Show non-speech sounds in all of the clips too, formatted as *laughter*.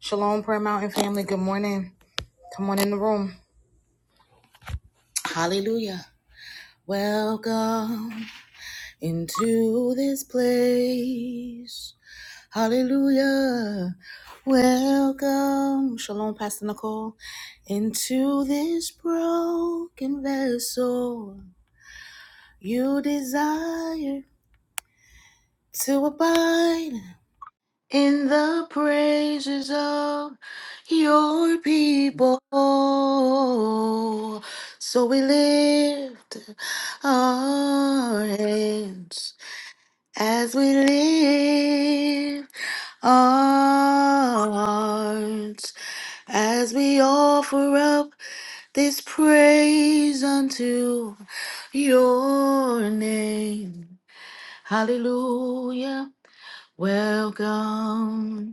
Shalom, Prayer Mountain family. Good morning. Come on in the room. Hallelujah. Welcome into this place. Hallelujah. Welcome. Shalom, Pastor Nicole. Into this broken vessel you desire to abide. in the praises of your people. So we lift our hands as we lift our hearts as we offer up this praise unto your name. Hallelujah. Welcome.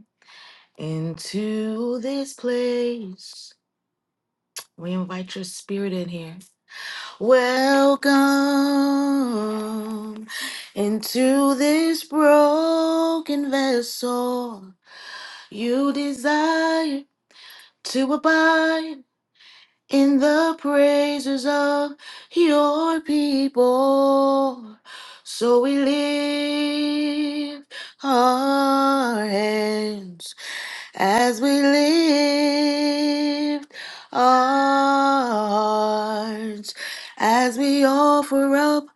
Into this place, we invite your spirit in here. Welcome into this broken vessel. You desire to abide in the praises of your people. So we lift our hands As we lift our hearts, as we offer up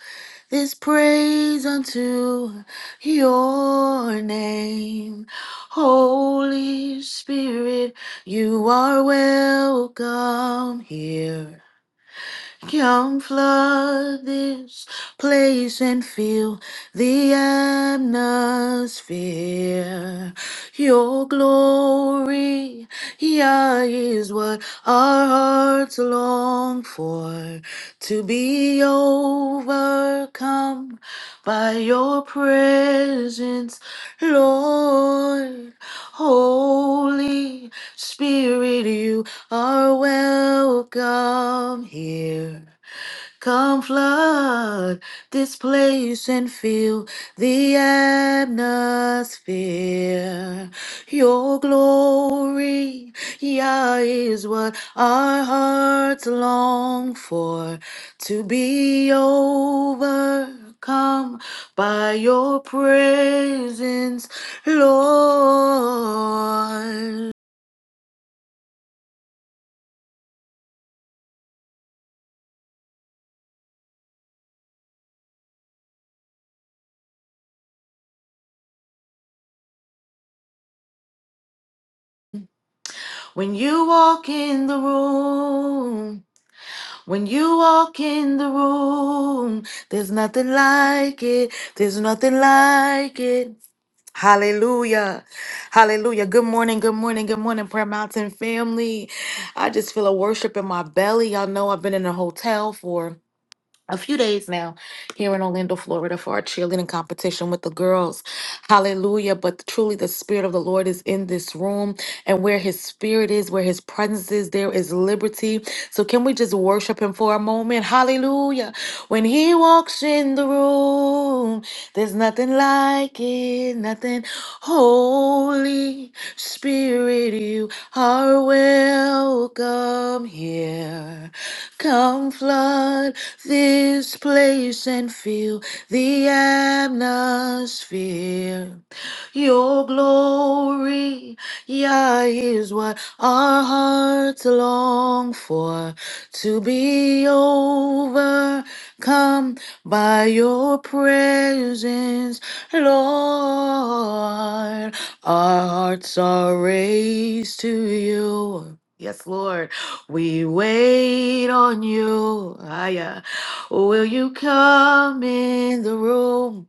this praise unto your name, Holy Spirit, you are welcome here. Come flood this place and fill the atmosphere. Your glory, yeah, is what our hearts long for. To be overcome by your presence, Lord. Holy. Spirit, you are welcome here. Come flood this place and fill the atmosphere. Your glory, yeah, is what our hearts long for. To be overcome by your presence, Lord. When you walk in the room, when you walk in the room, there's nothing like it. There's nothing like it. Hallelujah. Hallelujah. Good morning. Good morning. Good morning, Prayer Mountain family. I just feel a worship in my belly. Y'all know I've been in a hotel for a few days now here in Orlando, Florida for our cheerleading competition with the girls. Hallelujah. But truly, the Spirit of the Lord is in this room, and where His Spirit is, where His presence is, there is liberty. So, can we just worship Him for a moment? Hallelujah. When he walks in the room, there's nothing like it, nothing. Holy Spirit, you are welcome here. Come flood this place and fill the atmosphere. Your glory, yeah, is what our hearts long for to be over Come by your presence, Lord. Our hearts are raised to you. Yes, Lord. We wait on you. Ah, yeah. Will you come in the room?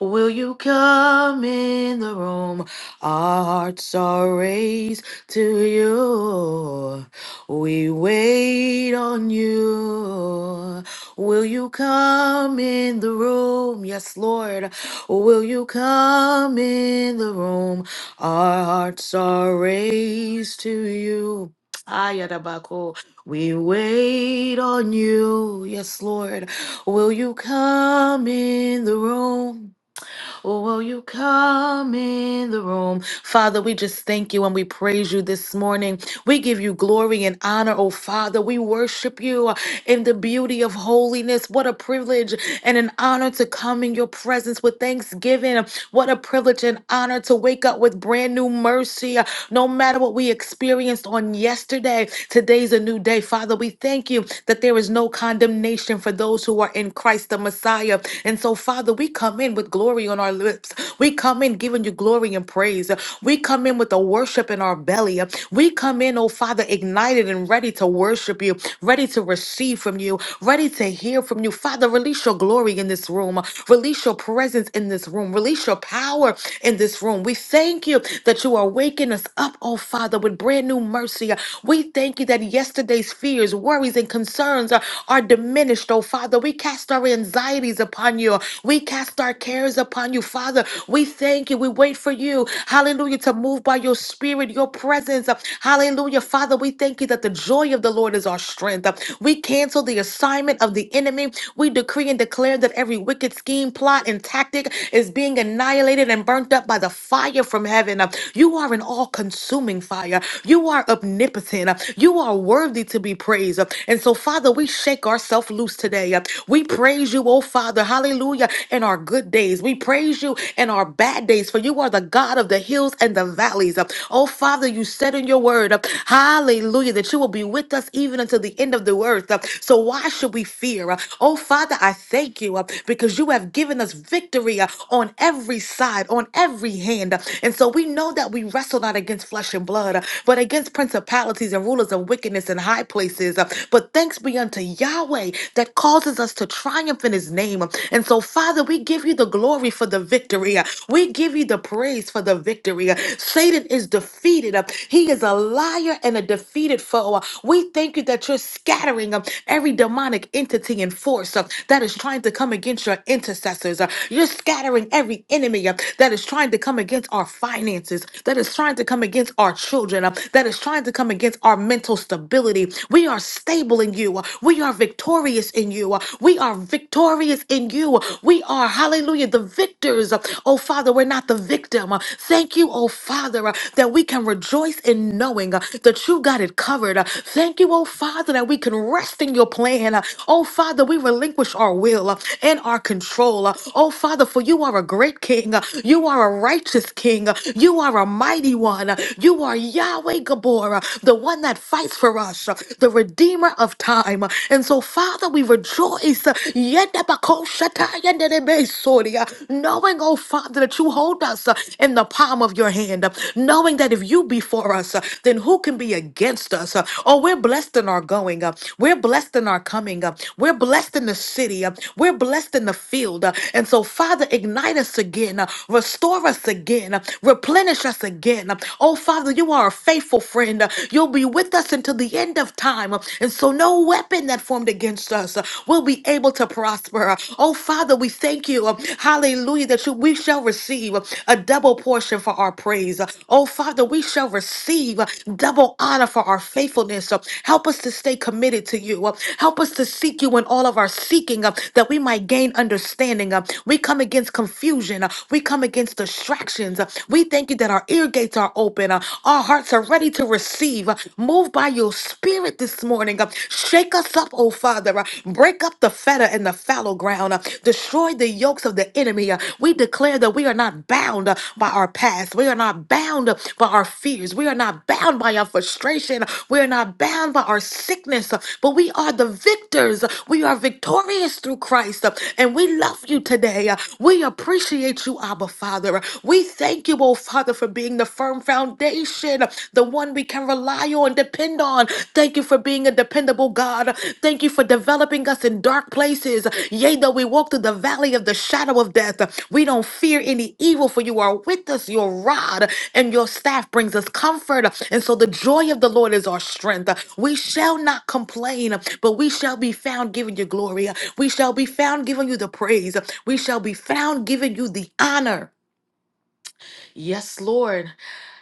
Will you come in the room? Our hearts are raised to you. We wait on you. Will you come in the room? Yes, Lord. Will you come in the room? Our hearts are raised to you. Ayadabako. We wait on you. Yes, Lord. Will you come in the room? Oh, Will you come in the room? Father, we just thank you and we praise you this morning. We give you glory and honor, oh Father. We worship you in the beauty of holiness. What a privilege and an honor to come in your presence with thanksgiving. What a privilege and honor to wake up with brand new mercy. No matter what we experienced on yesterday, today's a new day. Father, we thank you that there is no condemnation for those who are in Christ the Messiah. And so and so, Father, we come in with glory on our lips. We come in giving you glory and praise. We come in with the worship in our belly. We come in, oh Father, ignited and ready to worship you, ready to receive from you, ready to hear from you. Father, release your glory in this room. Release your presence in this room. Release your power in this room. We thank you that you are waking us up, oh Father, with brand new mercy. We thank you that yesterday's fears, worries, and concerns are are diminished, oh Father. We we cast our anxieties upon you. We cast our cares upon you, Father. We thank you. We wait for you. Hallelujah. To move by your spirit, your presence. Hallelujah. Father, we thank you that the joy of the Lord is our strength. We cancel the assignment of the enemy. We decree and declare that every wicked scheme, plot, and tactic is being annihilated and burnt up by the fire from heaven. You are an all consuming fire. You are omnipotent. You are worthy to be praised. And so, Father, Father, we shake ourselves loose today. We praise you, oh Father, hallelujah, in our good days. We praise you in our bad days, for you are the God of the hills and the valleys. Oh Father, you said in your word, hallelujah, that you will be with us even until the end of the earth. So why should we fear? Oh Father, I thank you because you have given us victory on every side, on every hand. And so we know that we wrestle not against flesh and blood, but against principalities and rulers of wickedness and and high places. Uh, But thanks be unto Yahweh that causes us to triumph in his name. And so, Father, we give you the glory for the victory. Uh, We give you the praise for the victory. Uh, Satan is defeated. Uh, He is a liar and a defeated foe. Uh, We thank you that you're scattering uh, every demonic entity and force uh, that is trying to come against your intercessors. Uh, You're scattering every enemy uh, that is trying to come against our finances, that is trying to come against our children, uh, that is trying to come against our mental stability. We are stable in you. We are victorious in you. We are victorious in you. We are, hallelujah, the victors. Oh, Father, we're not the victim. Thank you, oh, Father, that we can rejoice in knowing that you got it covered. Thank you, oh, Father, that we can rest in your plan. Oh, Father, we relinquish our will and our control. Oh, Father, for you are a great king. You are a righteous king. You are a mighty one one. You are Yahweh Gabor, the one that fights for us, the redeemer of time. And so, Father, we rejoice, knowing, oh Father, that you hold us in the palm of your hand, knowing that if you be for us, then who can be against us? Oh, we're blessed in our going We're blessed in our coming We're blessed in the city. uh, We're blessed in the field. uh, And so, Father, ignite us again. uh, Restore us again again. Replenish us again. Oh, Father, you are a faithful friend. You'll be with us until the end of time. And so no weapon that formed against us will be able to prosper. Oh, Father, we thank you. Hallelujah, that you, we shall receive a double portion for our praise. Oh, Father, we shall receive double honor for our faithfulness. Help us to stay committed to you. Help us to seek you in all of our seeking uh, that we might gain understanding. Uh, we come against confusion confusion. Uh, We come against distractions. Uh, We thank you that our ear gates are open. Uh, Our hearts are ready to receive. Uh, Move by your spirit this morning. Uh, Shake us up, oh Father. Uh, Break up the feta and the fallow ground. Uh, Destroy the yokes of the enemy. Uh, We declare that we are not bound uh, by our past. We are not bound uh, by our fears. We are not bound by our frustration. We are not bound by our sickness. Uh, But we are the victors. Uh, We are victorious through Christ. Uh, And we love love you today. We appreciate you, Abba Father. We thank you, oh Father, for being the firm foundation, the one we can rely on, depend on. Thank you for being a dependable God. Thank you for developing us in dark places. Yea, though we walk through the valley of the shadow of death, we don't fear any evil, for you are with us. Your rod and your staff brings us comfort. And so the joy of the Lord is our strength. We shall not complain, but we shall be found giving you glory. We shall be found giving you the praise. We shall be found giving you the honor. Yes, Lord.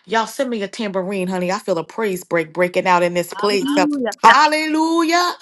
Y'all send me a tambourine, honey. I feel a praise break breaking out in this place. Uh, Hallelujah. Hallelujah.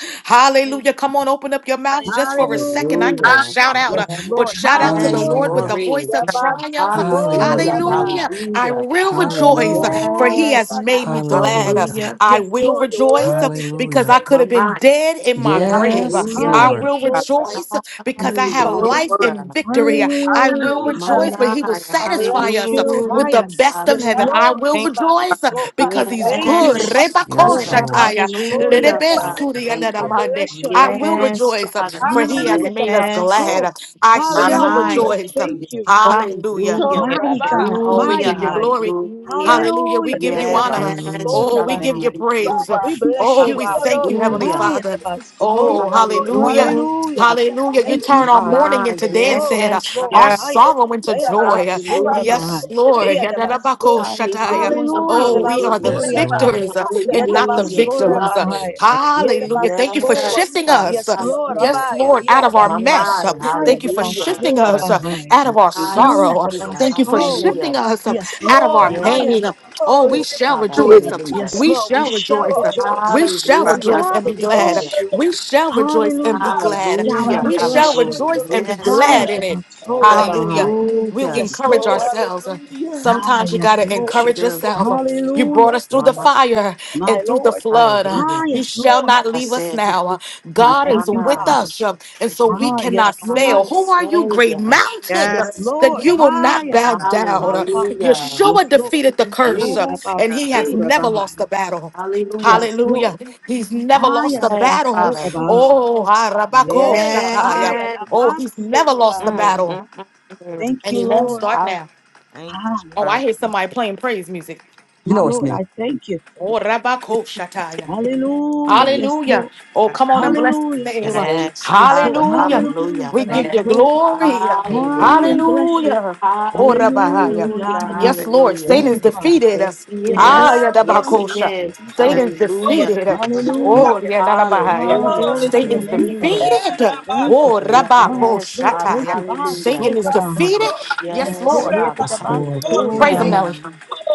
Hallelujah. Hallelujah. Come on, open up your mouths just for a second. I can't Hallelujah. shout out, Yes, uh, but Lord. shout out to the Yes, Hallelujah. Lord with the Hallelujah. glory. voice of Rabas- triumph. oh, Hallelujah. Hallelujah. Hallelujah. Rabbi. I Hallelujah. will rejoice, uh, Hallelujah. for Hallelujah. he has Yes, made me Father. Rabas- oh. glad. Uh, Hallelujah. Hallelujah. Hallelujah. I Yes, will Lord. You're rejoice uh, worthy to be because I Hallelujah. praised. could My have been mind. dead in my Yes, grave. Lord. Uh, Yes, Hallelujah. Ah, I Lord. yes, will God, Lord. rejoice uh, because Thank I you, for have your Father. life word. Hallelujah. and victory. Uh, I Hallelujah. will Yes, My Hallelujah. rejoice, Lord. but he will mind. I satisfy bless us. uh, you. with the Hallelujah, Higher. best Father. of Yes, heaven. I Lord. will Thank you, God. rejoice Rabas- uh, oh. because he's Thank good. you. Thank you. Yes, Rebako Hallelujah. Yes, Oh, Father. Lord. Rabbi, shataya, Jesus. Hallelujah, and I. Father. Thank you. Jesus. Thank I you. lerebesuriyadadamande. bless your I name. will Your Yes, rejoice uh, Father. for he Thank has Hallelujah. made us word, Yes. you. Ayatabaso. glad. I My God. shall mind. Hallelujah. rejoice. uh, Hallelujah. Thank you. Oh, Hallelujah. Hallelujah, Oh, and Mighty Rabbi. God. Oh, we hallelujah, Mighty, give you mighty. glory. hallelujah. Hallelujah. We Hallelujah. give Thank you. you honor. Tetebaso Yes, Hallelujah. Oh, we Father, Thank we give you. rabahai. you thank you. praise. Rabbi. We bless Oh, you, we Abba. thank you, Hallelujah. Heavenly Hallelujah, Father. Hayatabaso. Oh, Oh, hallelujah. Hallelujah. hallelujah. Hallelujah. You Thank you, turn our Father. mourning Mama, into Jesus. Yes. Oh, dancing, yes, yes, Lord. our Yeah, Father. Haya. sorrow into joy. Dayadabaso Hallelujah, Yes, rabai. Lord. Dayadabaso. Yadadabako hallelujah, Hallelujah. Oh, we are the hallelujah. Yes, Dabasoria Thank you. Lord. dai. victors Thank, uh, and not the Hallelujah, Yatabaso victims. Father. rabai. thank, Hallelujah. Thank you for Yatabaso. Yes, shifting Father, us. Yes, Lord. hallelujah. Yes, Abaya. Lord, out of our Yadai. mess. Mama, Thank you for thank hallelujah. you, shifting Hayatabaso Father. us uh, Thank, rabai. out of our thank My you. sorrow. Savior, Thank you for Thank Dayatabaso. you. hallelujah. shifting us um, Yes, out of our Lord. Oh, Yes, pain. Oh, we Hayatabaso. shall Father, rejoice. thank hallelujah. Yes, you. We Lord. We shall Thank you. shall rejoice. rejoice. We shall Father. Hallelujah, rejoice and Father, Rabbi. be we glad. hallelujah, bless you. We Oh, shall rejoice and Hallelujah. be glad. Yahweh, hallelujah, we We Hallelujah. shall bless you. hallelujah. rejoice and be Yes, Ah, glad Father. in it. Hallelujah. yatabasorabahaya. We'll Hallelujah. Yes, encourage Oh, Lord. ourselves. hallelujah. Ah, Sometimes you yes, got to Yes, Lord. You encourage do, yourself. Hallelujah. You brought Hallelujah. us through the Mama. fire My and through the Lord. flood. Hallelujah. Ah, You yes, shall Lord. not I leave us said, Thank you, now. I God thank is you, Father. with Mama, Father. us, um, and so we Ah, yes, cannot my fail. Lord. Who are you, great Savior. mountain, Yeah, uh, Yes, that Lord. you will Ah, not yeah. bow God. down? My Uh, Father. Hallelujah. Yes, Yeshua Lord. defeated the curse, Eh, uh, Ooh, and he Hallelujah. has never lost the yabasorabahaya. battle. Hallelujah. Yes, Hallelujah. Lord. He's never Ah, lost a Yes, battle. Father. yatabasorabahaya. Oh, Harabako Eh, Shataya. yabaya Yes. Oh, he's never lost the Mm, namansorabahaya. battle, mm, mm, mm. Thank and you, he won't Lord. start Ah, now. Thank you, Ah, yeah, Oh, I Father. thank hear you. somebody playing praise music. You Ah, know it's Lord, me. I thank you. Oh, Rabako Hallelujah. Yes, Hallelujah. Lord. Oh, come on Thank and bless Hallelujah. his you. name. Yeah, Thank you. Yes, Yes, Lord. Father. Hallelujah. Hallelujah. Hallelujah. We That our give you soul. glory. Thank you. Ah, we Hallelujah. bless you. Hallelujah. Oh, Hallelujah. Rabahaya. We honor Hallelujah. you. yeah, Yes, Lord. Thank Satan Hallelujah. is you, Father. defeated. Yes, he Yes, yeah. Ah, is. Lord. Yes, Hallelujah. Hallelujah. he Yadabakosha. Thank is. you, Yes, Satan's Savior. Hallelujah. defeated. Hallelujah. Thank Oh, Yadabahaya. Ah, Hallelujah. Oh, glory to de your Satan's name, Hallelujah. Father. siquiera defeated. Thank you. mano. Oh, you. Ah, yes, Yes, Lord. Father. Thank Rabakoshataya. you. God, Hallelujah. so Satan is Rabbi. defeated. Oh, de Yes, Yes, Yes, Lord. Lord. siquiera Yes, Father. Yes, más. Lord. Oh, Lord. Thank you. Praise him, Thank Hallelujah. you. Nelly.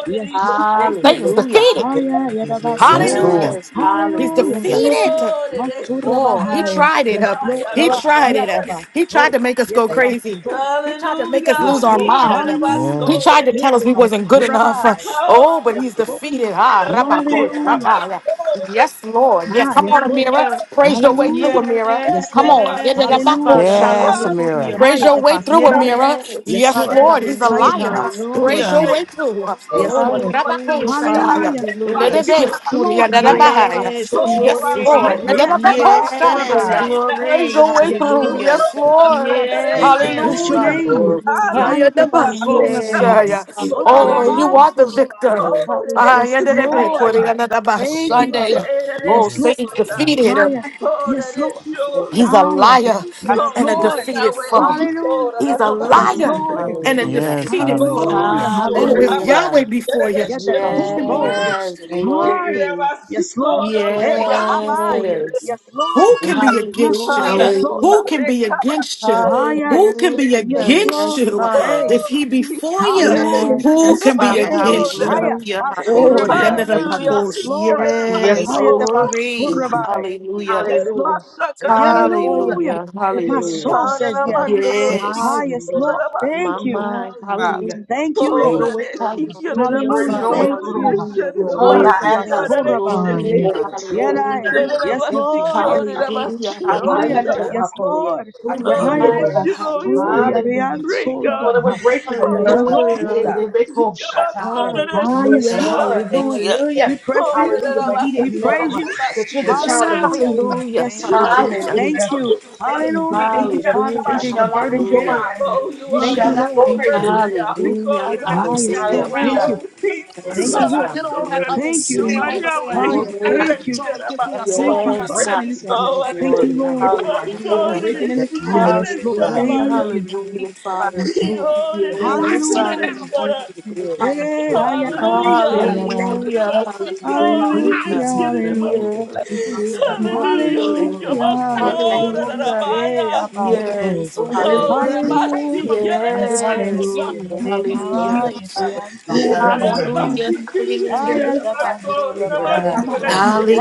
Yes, de Lord. siquiera. Thank you. Satan's Hallelujah. defeated. Oh yeah, Yes, yes, he Yes, Yadabaso. is. Hallelujah. Yes, Lord. Yes. he is. He's Hallelujah. Yes, he is. Hallelujah. Thank you. defeated. Oh, de Oh, he siquiera Masurabahaya. más. tried it Yes, up. Ay, Lord. He arroz. Rabba. tried it up. He tried Yadabaso. to make us go Thank you. crazy. Yadabaso. He tried to make us Aleluya. lose Yes, our Lord. Thank Gira mind. la Hallelujah. He Yes. tried to basura. tell us we wasn't good Yadabasurabahaya. enough. Oh, Oh, but Yes, he's you. Lord. I'm a defeated. kid Ah, of my day. Rabako I'm Hallelujah. a Shataya. soul in it. is. Yes, Lord. Yeah, Ah, come yes, on, Lord. Oh, Amira. I'm Hallelujah. Praise a your way through, Hallelujah. kid Amira. of Yes, Come Lord. my on. Yeah, the Yes, Rabako Hallelujah. Father. Yes, Shataya. Samira. Hallelujah. Praise Haya your Hallelujah. way through, Hayatabaso. Amira. Yes, Yes, Yes, Father. Lord. Lord. He's a Haya Hallelujah. liar. Oh, Praise Hallelujah. your Thank my you. way Hayatabasurabahaya. through. Thank soul. Yes, Oh, You're Lord. a Rabako Hallelujah, wonderful Father. God. Shataya. Hallelujah. Yeah, my Hallelujah. Yes, sheep, Nedebe Lord. I'm a Come Surya on. soul. you. Thank you. Yes, Nadabahaya. Hayatabaso. Oh, Yes, I'm Yes, Lord. glory. right. Lord. man. Yeah, Nadabako my sheep, Yes, see Shandaya. Hayatabasorabai. shy. Yeah, Praise glory. my your way Yes, through. Lord. sheep. Hallelujah. Yes, Oh, Thank you. my Lord. God, that it is Thank hallelujah. shy. you. We Yes, Bless your give you Hallelujah. Father. name. glory. Hallelujah. Ay, Hallelujah. and the Bible Glory. Yeah, my say, soul. Hayatabasorabai. Yes, We give you Father. Oh, Oh, that glory. Baba Oh, you Hallelujah. are the Basorabai. victor. Glory. it Hallelujah. is Ay, Yes, shy. and the Bible Yeah, Lord. quoting God, my another by Thank glory. you, Sunday. Abba. Yes, Oh, Lord. Yes. Satan's Lord. defeated. Higher. Oh, Yes, that is Lord. sure. Yes, He's a Higher. liar Glory. Yes, and Oh, a hallelujah. my Lord. defeated foe. God. Hallelujah. Oh, He's a God, we give Yes, liar you Lord. glory. We and a give Hallelujah. you Yes. defeated Oh, foe. Hallelujah. Hallelujah. restore. Oh, if How Hallelujah. glory. about Hallelujah. Yahweh before that you, is sure? who We give can be you Yadabaso. glory. against Yes, you? Thank you, Here Hallelujah. am I. glory. Yes, Oh, Lord. that If God. is Hey, y'all be for Habaya. you, Yes. Yes, Lord. who Thank can you. be Huh? against you? Yes, Hallelujah. Lord. Hallelujah. Hallelujah. Who can be against you? Recabacidor. Haya. Who can be Yes, Thank you. Hallelujah. against Lord. Yes, you? Father. Hey, Oh, If he be for you, yeah, that is hallelujah. sure. who Yes, can be Father. Hey, Recabacidor. Thank against you. you? Haya. Hallelujah. Thank Oh, you. the end Hallelujah. of Masurabai. the Thank you. Hallelujah. Bible. Yes, Lord. Yes, Thank you. Yes, Haya Recabacidor. Lord. God. glory. Thank you. tabasurabai. Hallelujah. Yes, Lord. Hallelujah. If he be for Recabacidor. you, Hallelujah. Thank you. Hallelujah. who My can be Hallelujah. soul Oh, did against says you? God. yes. it Thank you. Ah, Yes, yes, Hallelujah. Lord. my Thank you. mind. Father. Hallelujah. Hallelujah. Thank you, Praise thank Lord. your you. way through. Oh, Hallelujah, is Praise We Hallelujah. your Father. way thank Thank through. you. Hallelujah. you. You are Told worthy, I Father. Yes, Adonai. Thank We you, say Hayatabasorabahaya. thank glory. you. Father. Lord, Yadaya. Hallelujah. We say Yes, thank you. Lord. Father, Yes, Lord. Hallelujah. thank you. Haya. Hallelujah. Yes, Ayadadabakoya. Lord. Who will Yes, give you Ha- Lord. glory? you, oh, you Hallelujah. Hallelujah. great He God. thought it Hayatabasoyariansorabahaya. would break you, Oh, Yes, Amira. Father, my Lord. Hallelujah. Hey, they break story. home. Shut up. Come on, Yeah. thank that I you. Ah, shut Yes, yes, Hallelujah. Thank you. it Lord. Father. up. Lord. Thank you. We Hallelujah. press Oh, in. Thank you. that Hallelujah. I But was he We didn't sick. Thank you. praise know you. that you're the Thank you. child of a Hallelujah. king. Hallelujah. Hallelujah. Yes, Thank you, Father. Hallelujah. That Thank Hallelujah. Thank you. Satan is Hallelujah. thank I Thank you, defeated. Father, for You was Hallelujah. being a sick. shall not burden lose your Hallelujah. carrier. mind. Oh, you You you. Oh, are my Thank shall you, God. not Lord. go Thank you. crazy. provider, yeah, Who Hallelujah, because you, of the- God. Ah, yes, Lord. hallelujah. Thank Hallelujah. you. oh, peace, you That's are word, Thank it, you, my Lord. Father. soul, the that is word. Thank you you. my Yes, Yahweh. Yes, Hallelujah. Father. glory. Thank Lord. you. Yes, Lord. Thank you, Something Yes, Father. breaking God, in we this give Oh, you I Thank atmosphere. Thank you, thank glory. you, Lord. oh, my God, there's something soul, Hallelujah. Thank that breaking in you, is this God. it's you, you Ah, are atmosphere. Thank yes, the you, Lord. Father. Hallelujah, Thank you, you, hallelujah, Father. my Father. soul. Oh, Something that is is Thank you, it's you, Yes, you breaking are Father, we the Hallelujah. give you the in this glory. Father. Eh, Lord, atmosphere. we give you Hallelujah. Oh, glory. that ayatabasoraba. is the Hallelujah, mercy, God, and We it is give hallelujah. Hallelujah, you glory. hallelujah. We give Yes, Something is you glory. breaking Hallelujah. You are glory. Hallelujah, my in this Thank you. soul, that is you hallelujah. atmosphere. Hallelujah. Yeah, my Yah. abaso. Yes, Something is Thank you. Father. Oh, breaking Thank you, Rabbi, God. Hallelujah. you are in this the Yes, Shaddai. atmosphere. Hallelujah. Father. Oh, Hallelujah. God. Debaya de Thank Oh, you, Something you God. is ansoraba. breaking Hallelujah. Hallelujah. in this Father. Ayatabasoraba. atmosphere. *laughs* Thank I'm not you, to God. let We it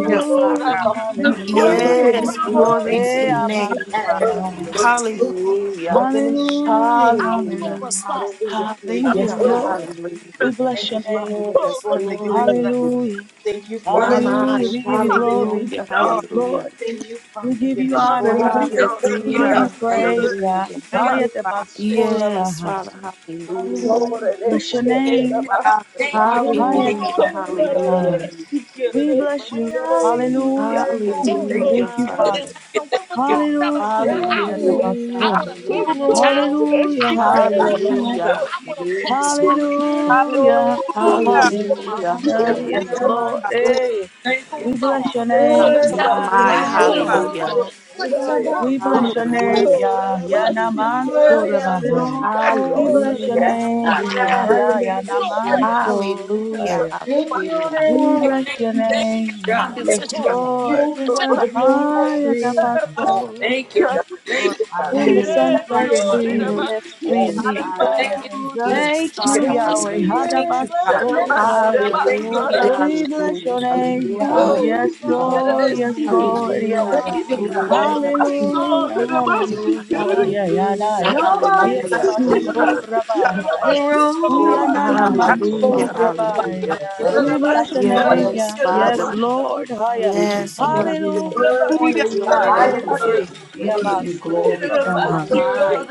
yeah. are Father. God. Something is Lord, None like hallelujah. breaking Yes, you. glory Thank to Eh, you. your in thank this name. you, atmosphere. abasoraba. Look, Hallelujah. Something is Hallelujah, shifting. Hallelujah. hallelujah. Hallelujah. Thank you. Yes, Hallelujah. Lord, Hallelujah. we bless Thank your you, Father. name. You're Yes, destroying the yokes. glory. Hallelujah, Thank you, Mama! Word. Father. You're hallelujah. We give you Father. destroying the yokes. glory. Hallelujah. Lord, Yes, Hallelujah. Lord, Thank you, we Father. give You're you honor. destroying Oh, we the yokes. thank We you, hallelujah. give God. you Hallelujah. Thank praise. Yeah. Hallelujah. Thank Thank you. you, you. Hayat Father. Basura Yes, Bahai. Father. Hallelujah. Hallelujah. Bless your name. Father, for Thank you. your good. Hayat Thank Hallelujah. Hallelujah. you. Basura Bahai. Hallelujah. We bless We you. are in His Hallelujah. Ooh, presence, thank you. Thank Hallelujah, you, God. Thank want to Father. Father. you. Thank you. Hallelujah, Yes, Hayat you Hallelujah, want we Basur. give you hallelujah, Hallelujah. Pastor, glory. I should Hallelujah, I get it like you, oh hallelujah. hallelujah, God. about. We Glory. give you Hallelujah. Oh, glory. Hallelujah. Lord, we hallelujah, are hallelujah, Hallelujah. sorry and Thank Yes, that you, i hallelujah. Lord. God. Hey, thank we you. Thank bless your You you, God. name, My, worthy Yah. of it Good, my, good, Hiya good, te God. Oh, all. hallelujah, Pasto. You are I'm I'm not We sorry bless your and name, that. hallelujah, Yah. Yah hallelujah, naman You worthy of it sorabahai. We all. bless your hallelujah, yes, God. name, Whatever Yah. Yah happened Yah to be hallelujah, sorry naman and that. so. hallelujah, In you hallelujah. they are We all are Thank you. bless your Thank things. you, name, Yah. God. Thank Yes, you, God. You Lord. deserve the Hiya te glory. Oh, thank Pasto. you, God. Glory. Thank you, God. Whom Hallelujah. the Mm, Son That's Yes, what I sets hear in my free mm, spirit. is free Oh, mm. thank indeed. you. Ah, Thank yeah. you. I Hallelujah. just Yes, Thank you, Thank Father, can't Yahweh. hallelujah, Thank give you, up Father. now. you. Hadabaso. Thank you. Thank hallelujah, Thank We thank bless your you. name, hallelujah, yeah. Come Hi, too Yes, far Baba. Lord, from yes, where Thank you Lord, you. yeah, hallelujah, Thank yeah. you, you. started God. Thank you. hallelujah, from. Thank Hallelujah, you, Yes, hallelujah, Lord. Father. yeah, *laughs* yeah, nah, hallelujah, hallelujah, God, yeah. Nobody you're Nobody wonderful. Yeta hallelujah. like you, told You're oh baso God. you Hallelujah. wonderful. the rabai. road Oh, We anana You're would nobody nana be like you, wonderful, oh Father. Hallelujah, easy. manso God. Nobody rabai. hallelujah. like you. God Nobody Father, We goes bless like your through. you. Nobody like you. thank you. you. name, Yes, yeah. He Father. Yes, brought you Lord, ah, yeah. from Thank you, to Yes, you Father. are give you good. Hallelujah, Worthy, Hallelujah. O You are God, Thank you. higher hallelujah, than worthy, you're Son. eh. worthy, higher. We Yeah, Baby. give worthy, you baso worthy, glory. My, We rabai. worthy, my.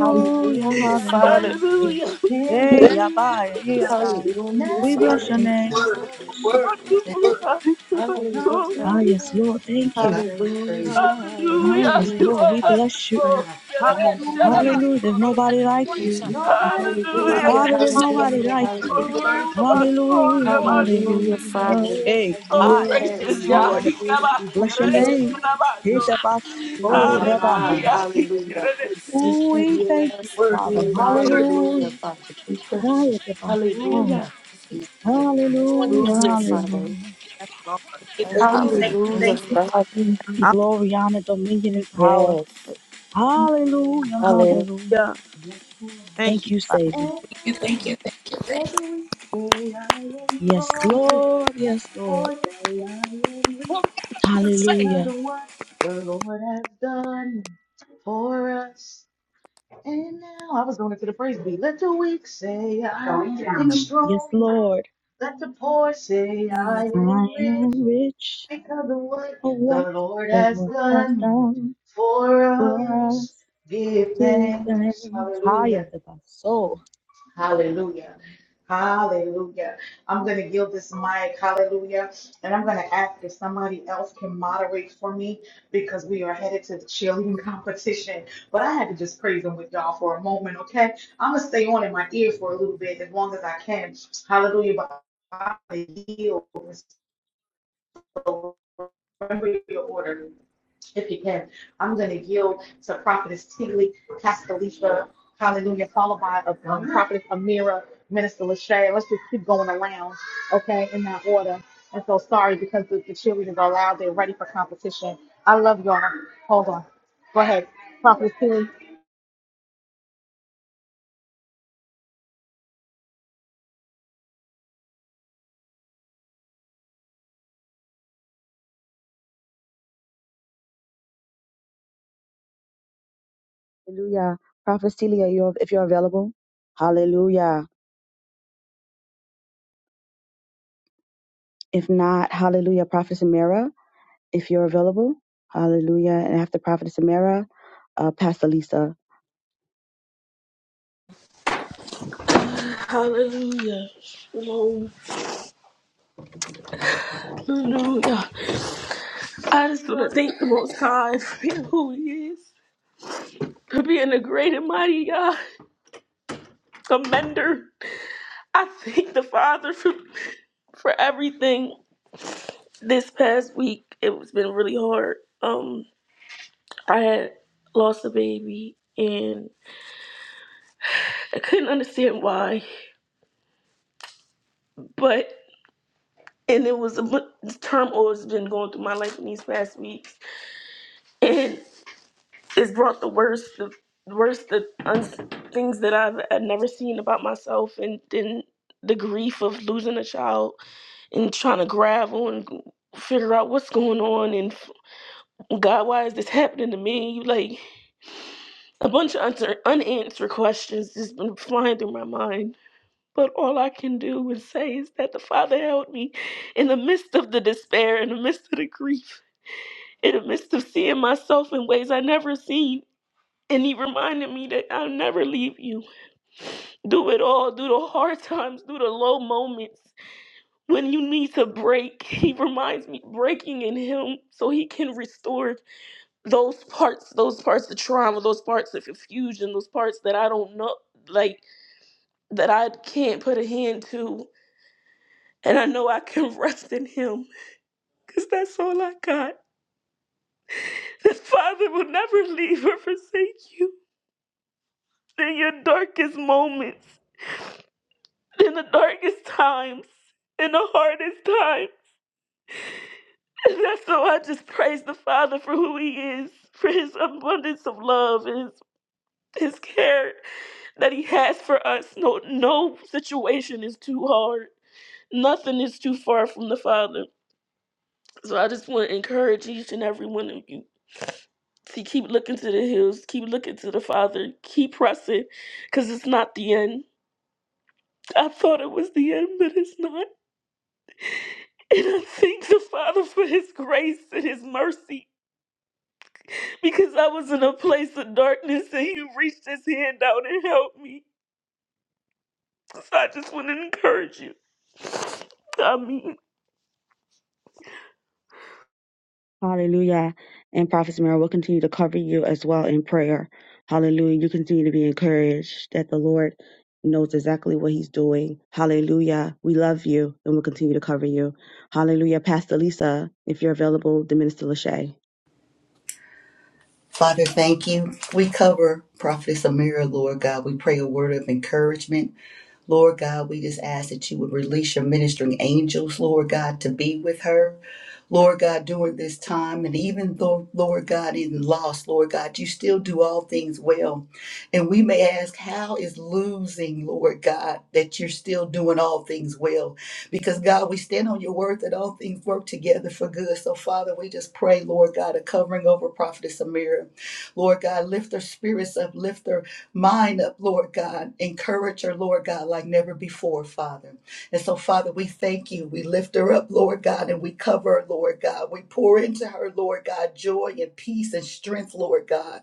I we just Father. thank hallelujah. you. can't Hey, yeah, give bye, yeah, nah, yeah. Hallelujah, up We bless worthy, your Father. Thank you. name. worthy, now. worthy, Thank Wonderful worthy, God, you are Come so Hallelujah. Ah, too yes, far Lord. Thank from you, you. God. where you We Praise Hallelujah. started Ah, Hallelujah. yes, from. You Hallelujah, you. Lord. are We Father. bless you. wonderful. praise *laughs* you, Come on, we Hallelujah. Martina. Hallelujah. There's nobody like praise you. you, Nobody Thank you, told worthy, Father. Hallelujah. Hallelujah, you Father, there's nobody hallelujah, worthy, like the you. hallelujah. road You are Hallelujah. would wonderful. Hallelujah, be as Hallelujah. Father. big Hey, as my Oh, ah, phone. yes, Yes, gracious Lord. glory. Yah. Before Bless your to the name. top, we praise you, My, yes, my. Hitabasorabahai. Hallelujah. *laughs* we praise you, we Ooh, praise we thank you, Yes, worthy, worthy. you, Father. we indeed. praise and the worthy. rest. Hallelujah, Hallelujah. Father. you, we praise Ah, Hallelujah. Hallelujah. you, Father. Oh, we Hallelujah. bless Hallelujah, the name. Father. Hallelujah. Yes, Lord. Thank you, Thank Oh you, Oh, we thank God, give you, Hallelujah, thank thank you. glory. you, thank Father. Be Father. glory, honor, dominion, and power. Yes. Hallelujah. Hallelujah. Hallelujah. Hallelujah. Hallelujah. Yes, Lord. Thank Thank you, you, Father. Savior. And you, thank you, thank you, thank now, you, thank you. let the weak say, I am Yes, strong. Let Lord. Yes, the poor Lord. say, I am rich. because Hallelujah. of what the Lord has done for us. And now I was going into the praise beat. Let the weak say I am Yes, strong. Lord. Let the poor say I Hallelujah. I am am rich rich because of what of what the Lord the has Lord has done done for for us. us Give today. thanks. Higher Hallelujah. to the soul. Hallelujah. Hallelujah. I'm going to give this mic. Hallelujah. And I'm going to ask if somebody else can moderate for me because we are headed to the cheerleading competition. But I had to just praise him with y'all for a moment, okay? I'm going to stay on in my ear for a little bit as long as I can. Hallelujah. But I yield. So remember your order if you can. I'm going to yield to Prophetess Teeley, Pastor Lisa, hallelujah, followed by uh, um, Prophetess Amira, Minister Lachey. Let's just keep going around, okay, in that order. And so sorry because the, the cheerleaders are loud. They're ready for competition. I love y'all. Hold on. Go ahead. Prophetess Teeley. Hallelujah. Prophet Celia, you're, if you're available. Hallelujah. If not, hallelujah. Prophet Samira, if you're available. Hallelujah. And after Prophet Samira, uh, Pastor Lisa. Hallelujah. Hallelujah. Shalom. Hallelujah. I just want to thank the Most High for being who He is, for being a great and mighty God, commander. I thank the Father for, for everything this past week. It's been really hard. Um, I had lost a baby and I couldn't understand why, but. and it was a bu- the turmoil has been going through my life in these past weeks, and it's brought the worst, the worst, the uns things that I've, I've never seen about myself, and then the grief of losing a child and trying to gravel and g- figure out what's going on and f- God, why is this happening to me? You like a bunch of unanswer- unanswered questions just been flying through my mind. But all I can do is say is that the Father held me in the midst of the despair, in the midst of the grief in the midst of seeing myself in ways I never seen. And he reminded me that I'll never leave you. Do it all, do the hard *laughs* times, do the low moments. When you need to break, he reminds me breaking in him so he can restore those parts, those parts of trauma, those parts of confusion, those parts that I don't know, like that I can't put a hand to. And I know I can *laughs* rest in him because that's all I got. *laughs* This father will never leave or forsake you. in your darkest moments, in the darkest times, in the hardest times. And that's so I just praise the Father for who He is, for His abundance of love and His, his care that He has for us. No, no situation is too hard. Nothing is too far from the Father. So I just want to encourage each and every one of you to keep looking to the hills, keep looking to the Father, keep pressing, because it's not the end. I thought it was the end, but it's not. And I thank the Father for his grace and his mercy because I was in a place of darkness and he reached his hand out and helped me. So I just want to encourage you. I mean, Hallelujah. And Prophet Mary will continue to cover you as well in prayer. Hallelujah. You continue to be encouraged that the Lord knows exactly what he's doing. Hallelujah. We love you and we'll continue to cover you. Hallelujah. Pastor Lisa, if you're available, the Minister Lachey. Father, thank you. We cover Prophetess Amira, Lord God. We pray a word of encouragement. Lord God, we just ask that you would release your ministering angels, Lord God, to be with her. Lord God, during this time. And even though, Lord God, in loss, Lord God, you still do all things well. And we may ask, how is losing, Lord God, that you're still doing all things well? Because, God, we stand on your word that all things work together for good. So, Father, we just pray, Lord God, a covering over Prophetess Amira. Lord God, lift her spirits up, lift her mind up, Lord God. Encourage her, Lord God, like never before, Father. And so, Father, we thank you. We lift her up, Lord God, and we cover her, Lord God. We pour into her, Lord God, joy and peace and strength, Lord God.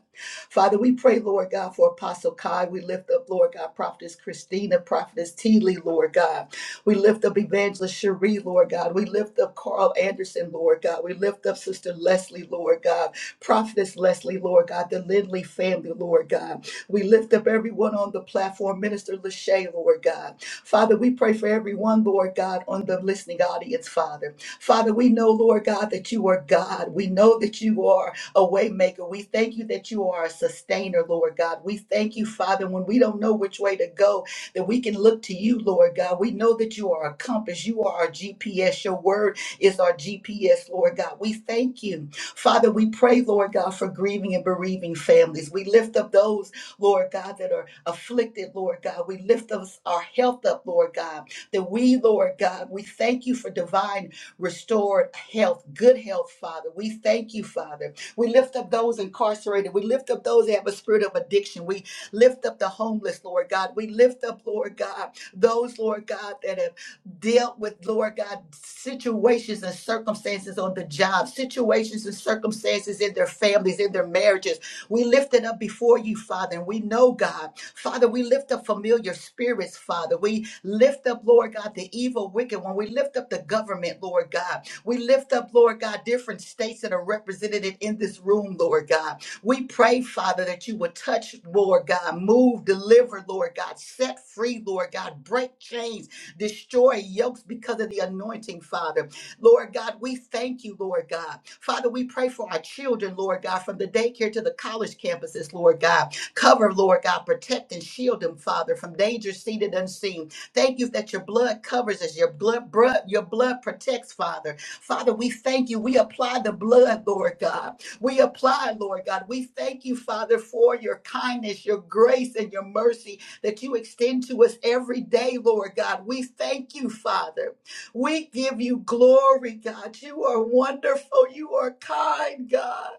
Father, we pray, Lord God, for Apostle Kai. We lift up, Lord God, Prophetess Christina, Prophetess Teeley, Lord God. We lift up Evangelist Cherie, Lord God. We lift up Carl Anderson, Lord God. We lift up Sister Leslie, Lord God. Prophetess Leslie, Lord God. The Lindley family, Lord God. We lift up everyone on the platform, Minister Lachey, Lord God. Father, we pray for everyone, Lord God, on the listening audience, Father. Father, we know, Lord God, that you are God. We know that you are a waymaker. We thank you that you are a sustainer, Lord God. We thank you, Father, when we don't know which way to go, that we can look to you, Lord God. We know that you are a compass. You are our GPS. Your word is our GPS, Lord God. We thank you. Father, we pray, Lord God, for grieving and bereaving families. We lift up those Lord God, that are afflicted, Lord God. We lift us, our health up, Lord God, that we, Lord God, we thank you for divine restored health, good health, Father. We thank you, Father. We lift up those incarcerated. We lift up those that have a spirit of addiction. We lift up the homeless, Lord God. We lift up, Lord God, those, Lord God, that have dealt with, Lord God, situations and circumstances on the job, situations and circumstances in their families, in their marriages. We lift it up before you, Father, and we know, God, Father, we lift up familiar spirits, Father. We lift up, Lord God, the evil, wicked one. We lift up the government, Lord God. We lift up, Lord God, different states that are represented in this room, Lord God. We pray, Father, that you would touch, Lord God, move, deliver, Lord God, set free, Lord God, break chains, destroy yokes because of the anointing, Father. Lord God, we thank you, Lord God. Father, we pray for our children, Lord God, from the daycare to the college campuses, Lord God. Cover, Lord God, protect and shield them, Father, from danger seen and unseen. Thank you that your blood covers us, your blood, blood your blood protects, Father. Father, we thank you. We apply the blood, Lord God. We apply, Lord God. We thank you, Father, for your kindness, your grace, and your mercy that you extend to us every day, Lord God. We thank you, Father. We give you glory, God. You are wonderful. You are kind, God.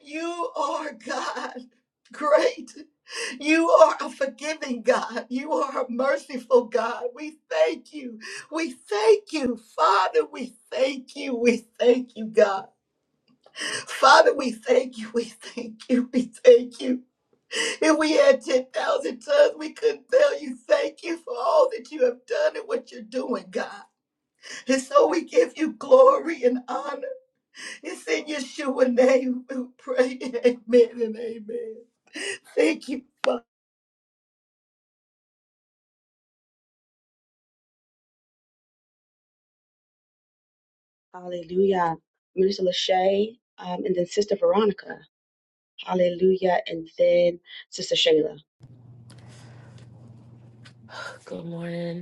You are God. Great. You are a forgiving God. You are a merciful God. We thank you. We thank you, Father. We thank you. We thank you, God. Father, we thank you. We thank you. We thank you. If we had 10,000 tongues, we couldn't tell you thank you for all that you have done and what you're doing, God. And so we give you glory and honor. It's in Yeshua's name we pray. *laughs* Amen and amen. Thank you. Hallelujah. Minister Lachey, um, and then Sister Veronica. Hallelujah. And then Sister Shayla. Good morning.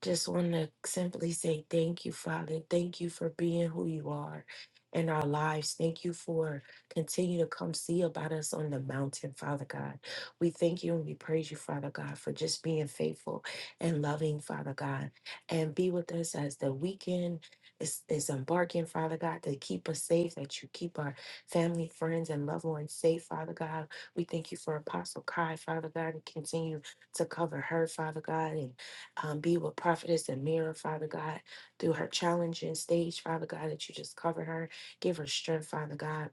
Just want to simply say thank you, Father. Thank you for being who you are in our lives. Thank you for continue to come see about us on the mountain, Father God. We thank you and we praise you, Father God, for just being faithful and loving, Father God. And be with us as the weekend is, is embarking, Father God, to keep us safe, that you keep our family, friends, and loved ones safe, Father God. We thank you for Apostle Kai, Father God, and continue to cover her, Father God. and um, be with prophetess and mirror, Father God, through her challenging stage, Father God, that you just cover her, give her strength, Father God.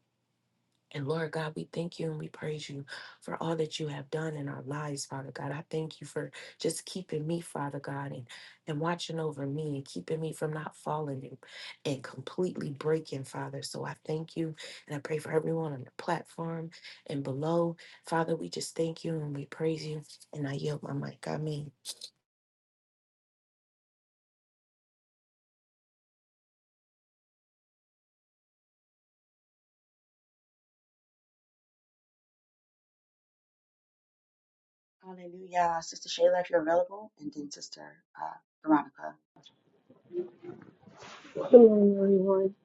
And Lord God, we thank you and we praise you for all that you have done in our lives, Father God. I thank you for just keeping me, Father God, and, and watching over me and keeping me from not falling and, and completely breaking, Father. So I thank you and I pray for everyone on the platform and below. Father, we just thank you and we praise you. And I yield my mic. I mean. Hallelujah. Sister Shayla, if you're available, and then Sister uh, Veronica. Hello, everyone.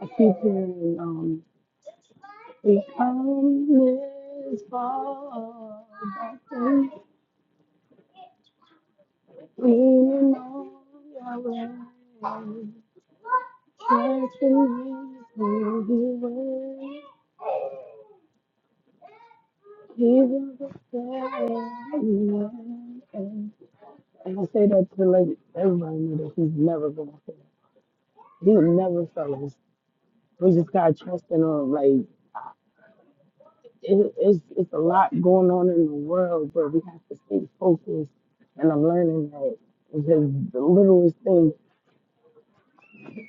I keep hearing um, we come this far, but then leaning on your way. Transformation the way. He's Jesus is and, and I say that to like everybody knew that he's never gonna fail. He never fails. We just gotta trust in him. Like it, it's it's a lot going on in the world, but we have to stay focused. And I'm learning that because the littlest thing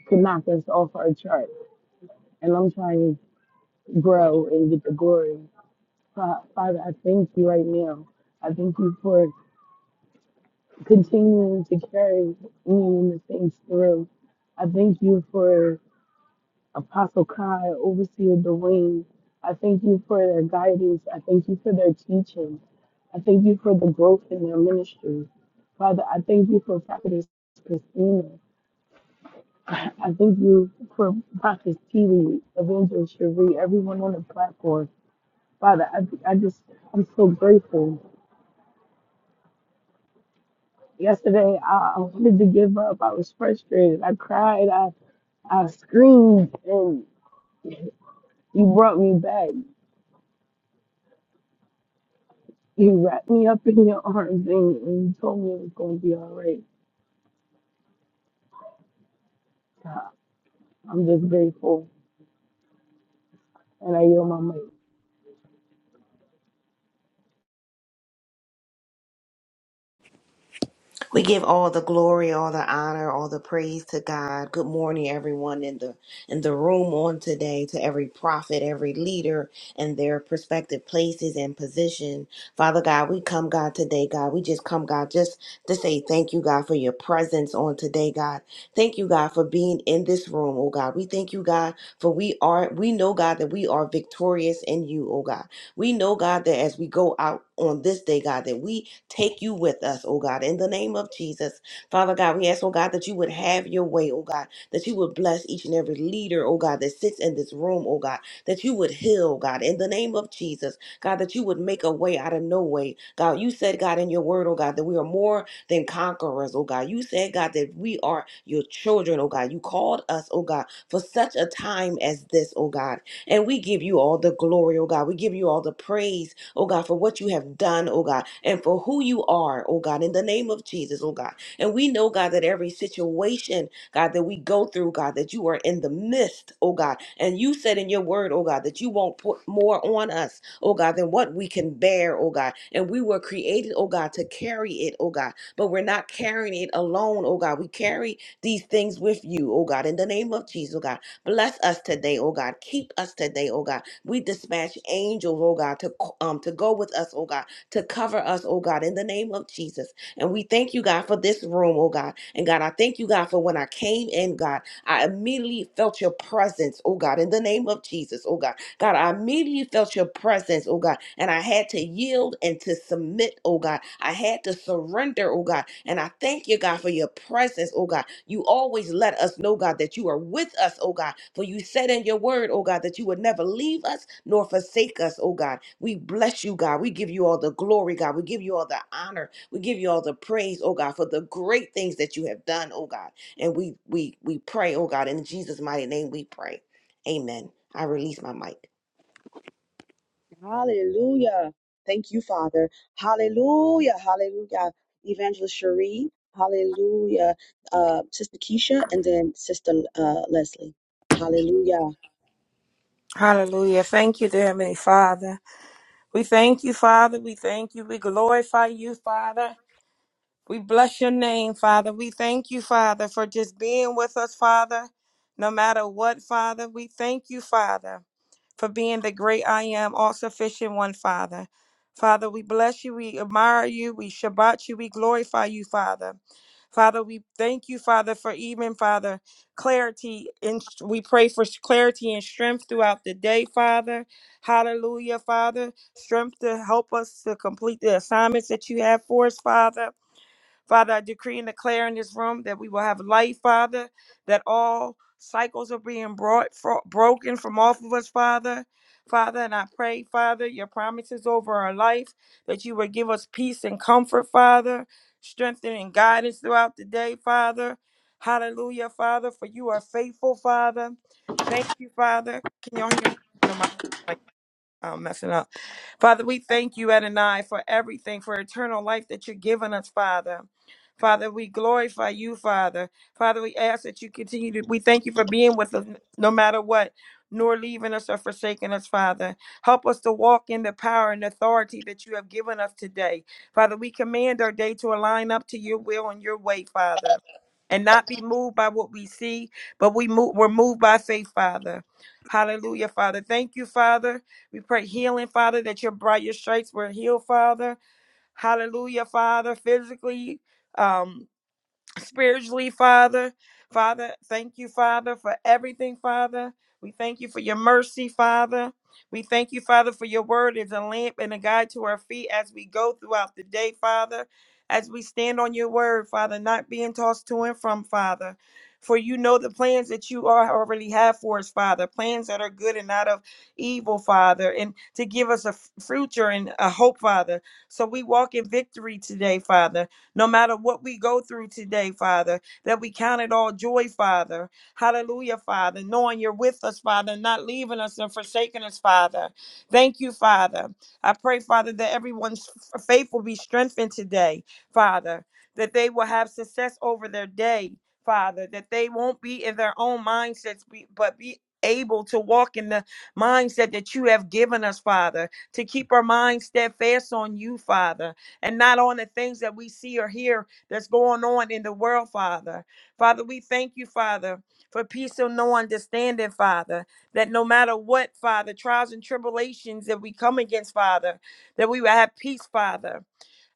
could knock us off our chart. And I'm trying to grow and get the glory. Fa- Father, I thank you right now. I thank you for continuing to carry me and the things through. I thank you for Apostle Kai, Overseer Dwayne. I thank you for their guidance. I thank you for their teaching. I thank you for the growth in their ministry. Father, I thank you for Prophetess Christina. I I thank you for Prophetess TV, Evangelist Cherie, everyone on the platform. Father, I, I just, I'm so grateful. Yesterday, I, I wanted to give up. I was frustrated. I cried. I, I screamed, and you brought me back. You wrapped me up in your arms, and, and you told me it was going to be all right. God, I'm just grateful, and I yield my mic. We give all the glory, all the honor, all the praise to God. Good morning, everyone in the in the room on today, to every prophet, every leader, and their prospective places and position. Father God, we come, God, today, God. We just come, God, just to say thank you, God, for your presence on today, God. Thank you, God, for being in this room, oh God. We thank you, God, for we are we know, God, that we are victorious in you, oh God. We know, God, that as we go out on this day, God, that we take you with us, oh God, in the name of Jesus. Father God, we ask, oh God, that you would have your way, oh God, that you would bless each and every leader, oh God, that sits in this room, oh God, that you would heal, oh, God, in the name of Jesus. God, that you would make a way out of no way. God, you said, God, in your word, oh God, that we are more than conquerors, oh God. You said, God, that we are your children, oh God. You called us, oh God, for such a time as this, oh God. And we give you all the glory, oh God. We give you all the praise, oh God, for what you have done, oh God, and for who you are, oh God, in the name of Jesus, oh God. And we know, God, that every situation, God, that we go through, God, that you are in the midst, oh God. And you said in your word, oh God, that you won't put more on us, oh God, than what we can bear, oh God. And we were created, oh God, to carry it, oh God. But we're not carrying it alone, oh God. We carry these things with you, oh God, in the name of Jesus, oh God. Bless us today, oh God. Keep us today, oh God. We dispatch angels, oh God, to um to go with us, oh God, to cover us, oh God, in the name of Jesus. And we thank you, God, for this room, oh God. And God, I thank you, God, for when I came in, God, I immediately felt your presence, oh God, in the name of Jesus, oh God. God, I immediately felt your presence, oh God, and I had to yield and to submit, oh God. I had to surrender, oh God, and I thank you, God, for your presence, oh God. You always let us know, God, that you are with us, oh God, for you said in your word, oh God, that you would never leave us nor forsake us, oh God. We bless you, God. We give you all the glory, God. We give you all the honor. We give you all the praise, oh God, for the great things that you have done, oh God. And we we we pray, oh God, in Jesus' mighty name we pray. Amen. I release my mic. Hallelujah. Thank you, Father. Hallelujah. Hallelujah. Evangelist Cherie. Hallelujah. Uh, Sister Keisha and then Sister uh, Leslie. Hallelujah. Hallelujah. Thank you, dear Heavenly Father. We thank you, Father. We thank you. We glorify you, Father. We bless your name, Father. We thank you, Father, for just being with us, Father, no matter what, Father. We thank you, Father, for being the great I am, all sufficient one, Father. Father, we bless you. We admire you. We Shabbat you. We glorify you, Father. Father, we thank you, Father, for even, Father, clarity. And we pray for clarity and strength throughout the day, Father. Hallelujah, Father. Strength to help us to complete the assignments that you have for us, Father. Father, I decree and declare in this room that we will have light, Father, that all cycles are being brought fro- broken from off of us, Father. Father, and I pray, Father, your promises over our life, that you would give us peace and comfort, Father, strength and guidance throughout the day, Father. Hallelujah, Father, for you are faithful, Father. Thank you, Father. Can y'all hear me? No, my I'm messing up. Father, we thank you, Adonai, for everything, for eternal life that you're giving us, Father. Father, we glorify you, Father. Father, we ask that you continue to, we thank you for being with us no matter what, nor leaving us or forsaking us, Father. Help us to walk in the power and authority that you have given us today. Father, we command our day to align up to your will and your way, Father, and not be moved by what we see, but we move, we're moved by faith, Father. Hallelujah, Father. Thank you, Father we pray healing, Father, that Your brought your stripes were healed, Father. Hallelujah, Father, physically. um, spiritually, Father. Father, thank you, Father, for everything, Father. We thank you for your mercy, Father. We thank you, Father, for your word is a lamp and a guide to our feet as we go throughout the day, Father. As we stand on your word, Father, not being tossed to and from, Father. For you know the plans that you are already have for us, Father. Plans that are good and not of evil, Father, and to give us a f- future and a hope, Father. So we walk in victory today, Father. No matter what we go through today, Father, that we count it all joy, Father. Hallelujah, Father. Knowing you're with us, Father, not leaving us and forsaking us, Father. Thank you, Father. I pray, Father, that everyone's f- faith will be strengthened today, Father, that they will have success over their day, Father, that they won't be in their own mindsets, be- but be able to walk in the mindset that you have given us, Father, to keep our minds steadfast on you, Father and not on the things that we see or hear that's going on in the world, Father. Father, we thank you, Father, for peace and no understanding, Father, that no matter what, Father, trials and tribulations that we come against, Father, that we will have peace, Father.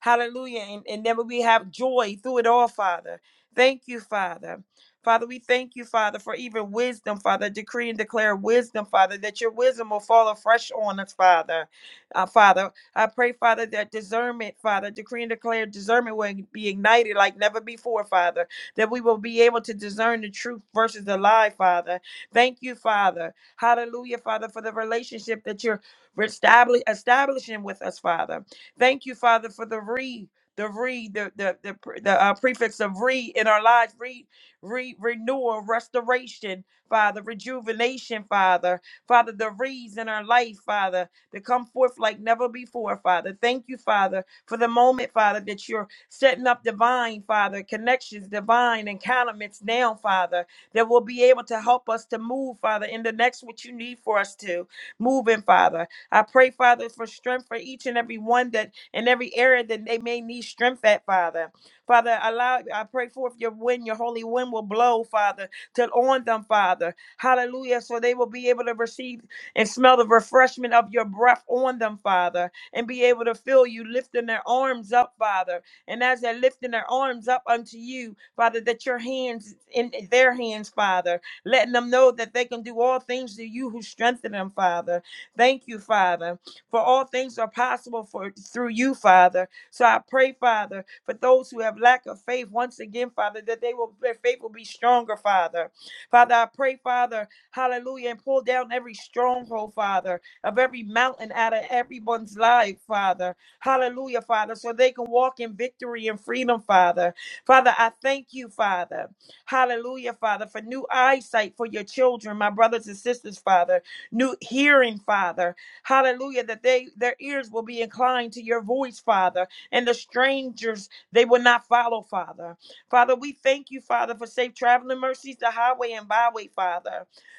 Hallelujah. And, and then we have joy through it all, Father. Thank you, Father. Father, we thank you, Father, for even wisdom, Father. Decree and declare wisdom, Father, that your wisdom will fall afresh on us, Father. Uh, Father, I pray, Father, that discernment, Father, decree and declare discernment will be ignited like never before, Father, that we will be able to discern the truth versus the lie, Father. Thank you, Father. Hallelujah, Father, for the relationship that you're restabli- establishing with us, Father. Thank you, Father, for the re. The re the the the, pre- the uh, prefix of re in our lives re re renewal restoration Father rejuvenation Father Father the re's in our life Father to come forth like never before, Father. Thank you, Father, for the moment, Father, that you're setting up divine, Father, connections, divine encounterments now, Father, that will be able to help us to move, Father, in the next what you need for us to move in, Father. I pray, Father, for strength for each and every one that in every area that they may need strength at, Father. Father, allow I pray for if your wind, your holy wind will blow, Father, till on them, Father. Hallelujah. So they will be able to receive and smell the refreshment of your breath on them, Father, and be able to feel you lifting their arms up, Father. And as they're lifting their arms up unto you, Father, that your hands in their hands, Father, letting them know that they can do all things to you who strengthen them, Father. Thank you, Father, for all things are possible for through you, Father. So I pray, Father, for those who have lack of faith once again, Father, that they will their faith will be stronger, Father. Father, I pray, Father, Hallelujah. And pull down every stronghold, Father, of every mountain out of everyone's life, Father. Hallelujah, Father, so they can walk in victory and freedom, Father. Father, I thank you, Father. Hallelujah, Father, for new eyesight for your children, my brothers and sisters, Father. New hearing, Father. Hallelujah, that they their ears will be inclined to your voice, Father, and the strangers they will not follow, Father. Father, we thank you, Father, for safe traveling mercies, the highway and byway, Father.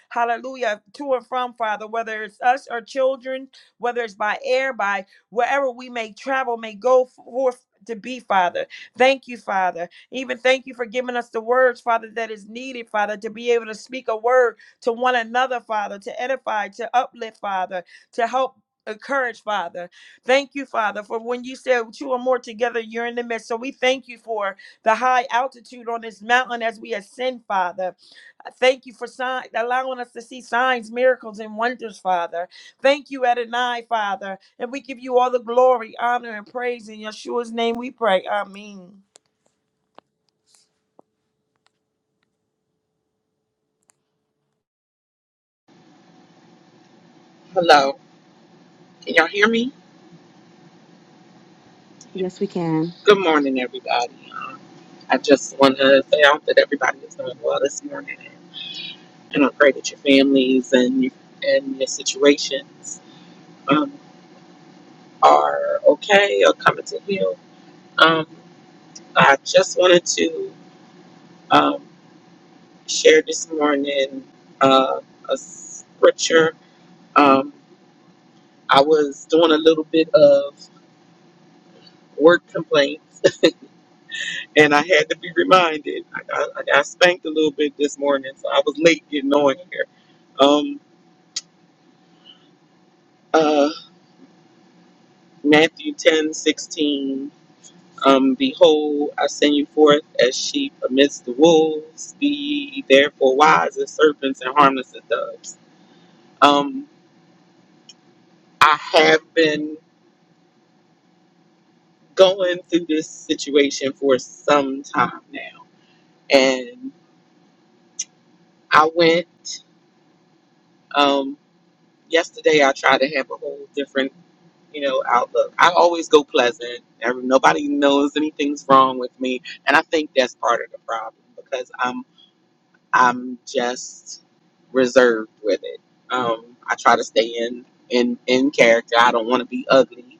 Hallelujah. To and from, Father, whether it's us or children, whether it's by air, by wherever we may travel, may go forth to be, Father. Thank you, Father. Even thank you for giving us the words, Father, that is needed, Father, to be able to speak a word to one another, Father, to edify, to uplift, Father, to help. Encourage, Father. Thank you, Father, for when you said two or more together, you're in the midst. So we thank you for the high altitude on this mountain as we ascend, Father. I Thank you for sign, allowing us to see signs, miracles, and wonders, Father. Thank you, Adonai, Father. And we give you all the glory, honor, and praise. In Yeshua's name we pray. Amen. Hello. Can y'all hear me? Yes, we can. Good morning, everybody. Um, I just want to say I hope that everybody is doing well this morning, and I pray that your families and your, and your situations um, are okay or coming to you. Um, I just wanted to um, share this morning uh, a scripture. Um, I was doing a little bit of word complaints And I had to be reminded. I got, I got spanked a little bit this morning, so I was late getting on here. Um, uh, Matthew ten sixteen. Um, Behold, I send you forth as sheep amidst the wolves. Be ye therefore wise as serpents and harmless as doves. Um, I have been going through this situation for some time now. And I went, um, yesterday I tried to have a whole different you know, outlook. I always go pleasant. Every- Nobody knows anything's wrong with me, and I think that's part of the problem because I'm I'm just reserved with it. Um, I try to stay in in in character. I don't want to be ugly,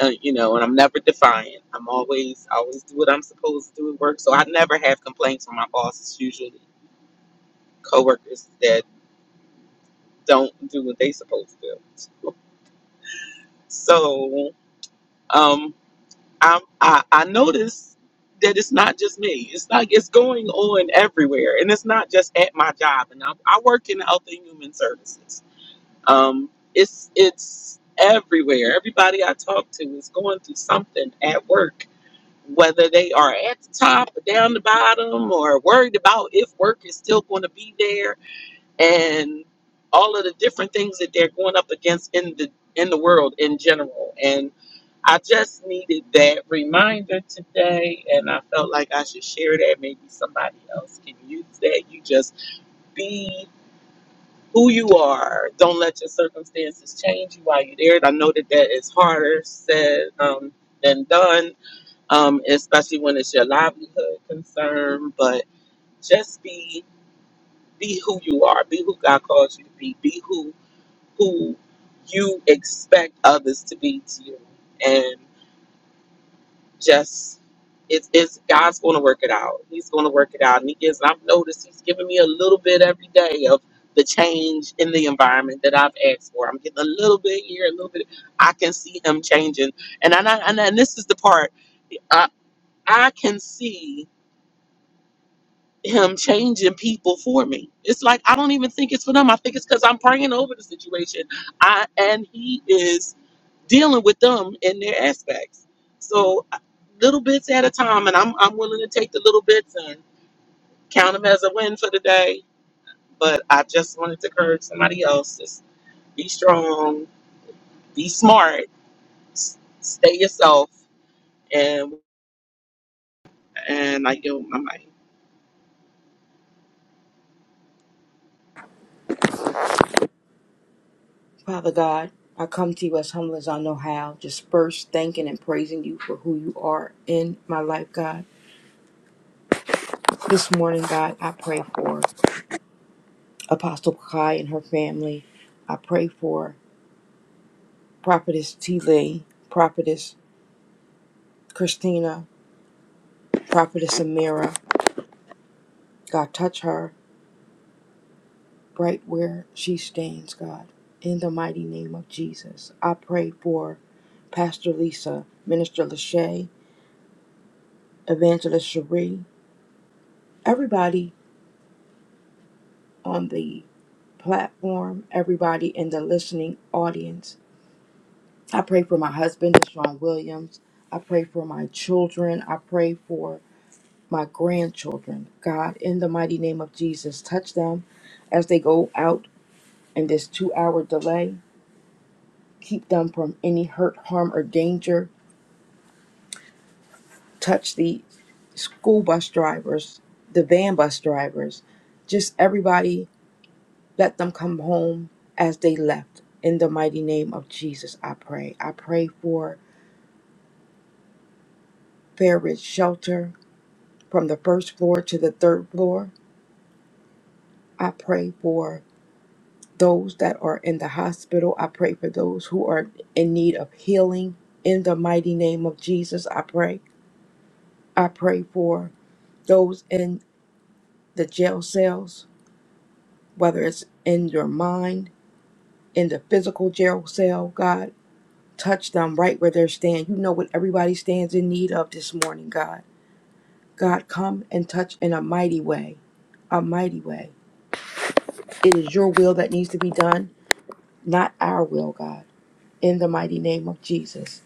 uh, you know, and I'm never defiant. I'm always I always do what I'm supposed to do at work, so I never have complaints from my bosses. Usually, coworkers that don't do what they supposed to do. *laughs* So, um, I'm, I I notice that it's not just me. It's not it's going on everywhere, and it's not just at my job. And I, I work in health and human services. Um, it's it's everywhere. Everybody I talk to is going through something at work, whether they are at the top or down the bottom, or worried about if work is still going to be there, and all of the different things that they're going up against in the in the world in general. I just needed that reminder today, and I felt like I should share that. Maybe somebody else can use that. You just be who you are. Don't let your circumstances change you while you're there. And I know that that is harder said um, than done, um, especially when it's your livelihood concern. But just be be who you are. Be who God calls you to be. Be who who you expect others to be to you, just it's it's God's gonna work it out. He's gonna work it out. And he gives I've noticed he's giving me a little bit every day of the change in the environment that I've asked for. I'm getting a little bit here, a little bit I can see him changing. And I, and, I, and I- and this is the part I I can see him changing people for me. It's like I don't even think it's for them. I think it's because I'm praying over the situation. I and he is dealing with them in their aspects. So I- little bits at a time, and I'm I'm willing to take the little bits and count them as a win for the day. But I just wanted to encourage somebody else: just be strong, be smart, s- stay yourself, and and I give my mic. Father God, I come to you as humble as I know how, just first thanking and praising you for who you are in my life, God. This morning, God, I pray for Apostle Kai and her family. I pray for Prophetess T. Lee, Prophetess Christina, Prophetess Amira. God, touch her right where she stands, God. In the mighty name of Jesus, I pray for Pastor Lisa, Minister Lachey, Evangelist Cherie, everybody on the platform, everybody in the listening audience. I pray for my husband, Deshaun Williams. I pray for my children. I pray for my grandchildren. God, in the mighty name of Jesus, touch them as they go out in this two hour delay. Keep them from any hurt, harm, or danger. Touch the school bus drivers, the van bus drivers, just everybody. Let them come home as they left. In the mighty name of Jesus, I pray. I pray for Fair is shelter from the first floor to the third floor. I pray for those that are in the hospital. I pray for those who are in need of healing. In the mighty name of Jesus, I pray. I pray for those in the jail cells, whether it's in your mind, in the physical jail cell, God. Touch them right where they're standing. You know what everybody stands in need of this morning, God. God, come and touch in a mighty way, a mighty way. It is your will that needs to be done not our will, God. In the mighty name of Jesus.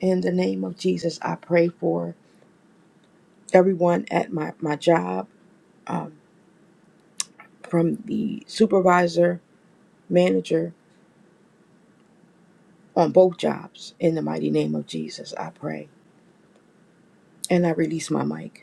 In the name of Jesus, I pray for everyone at my, my job, um, from the supervisor, manager on both jobs. In the mighty name of Jesus, I pray. And I release my mic.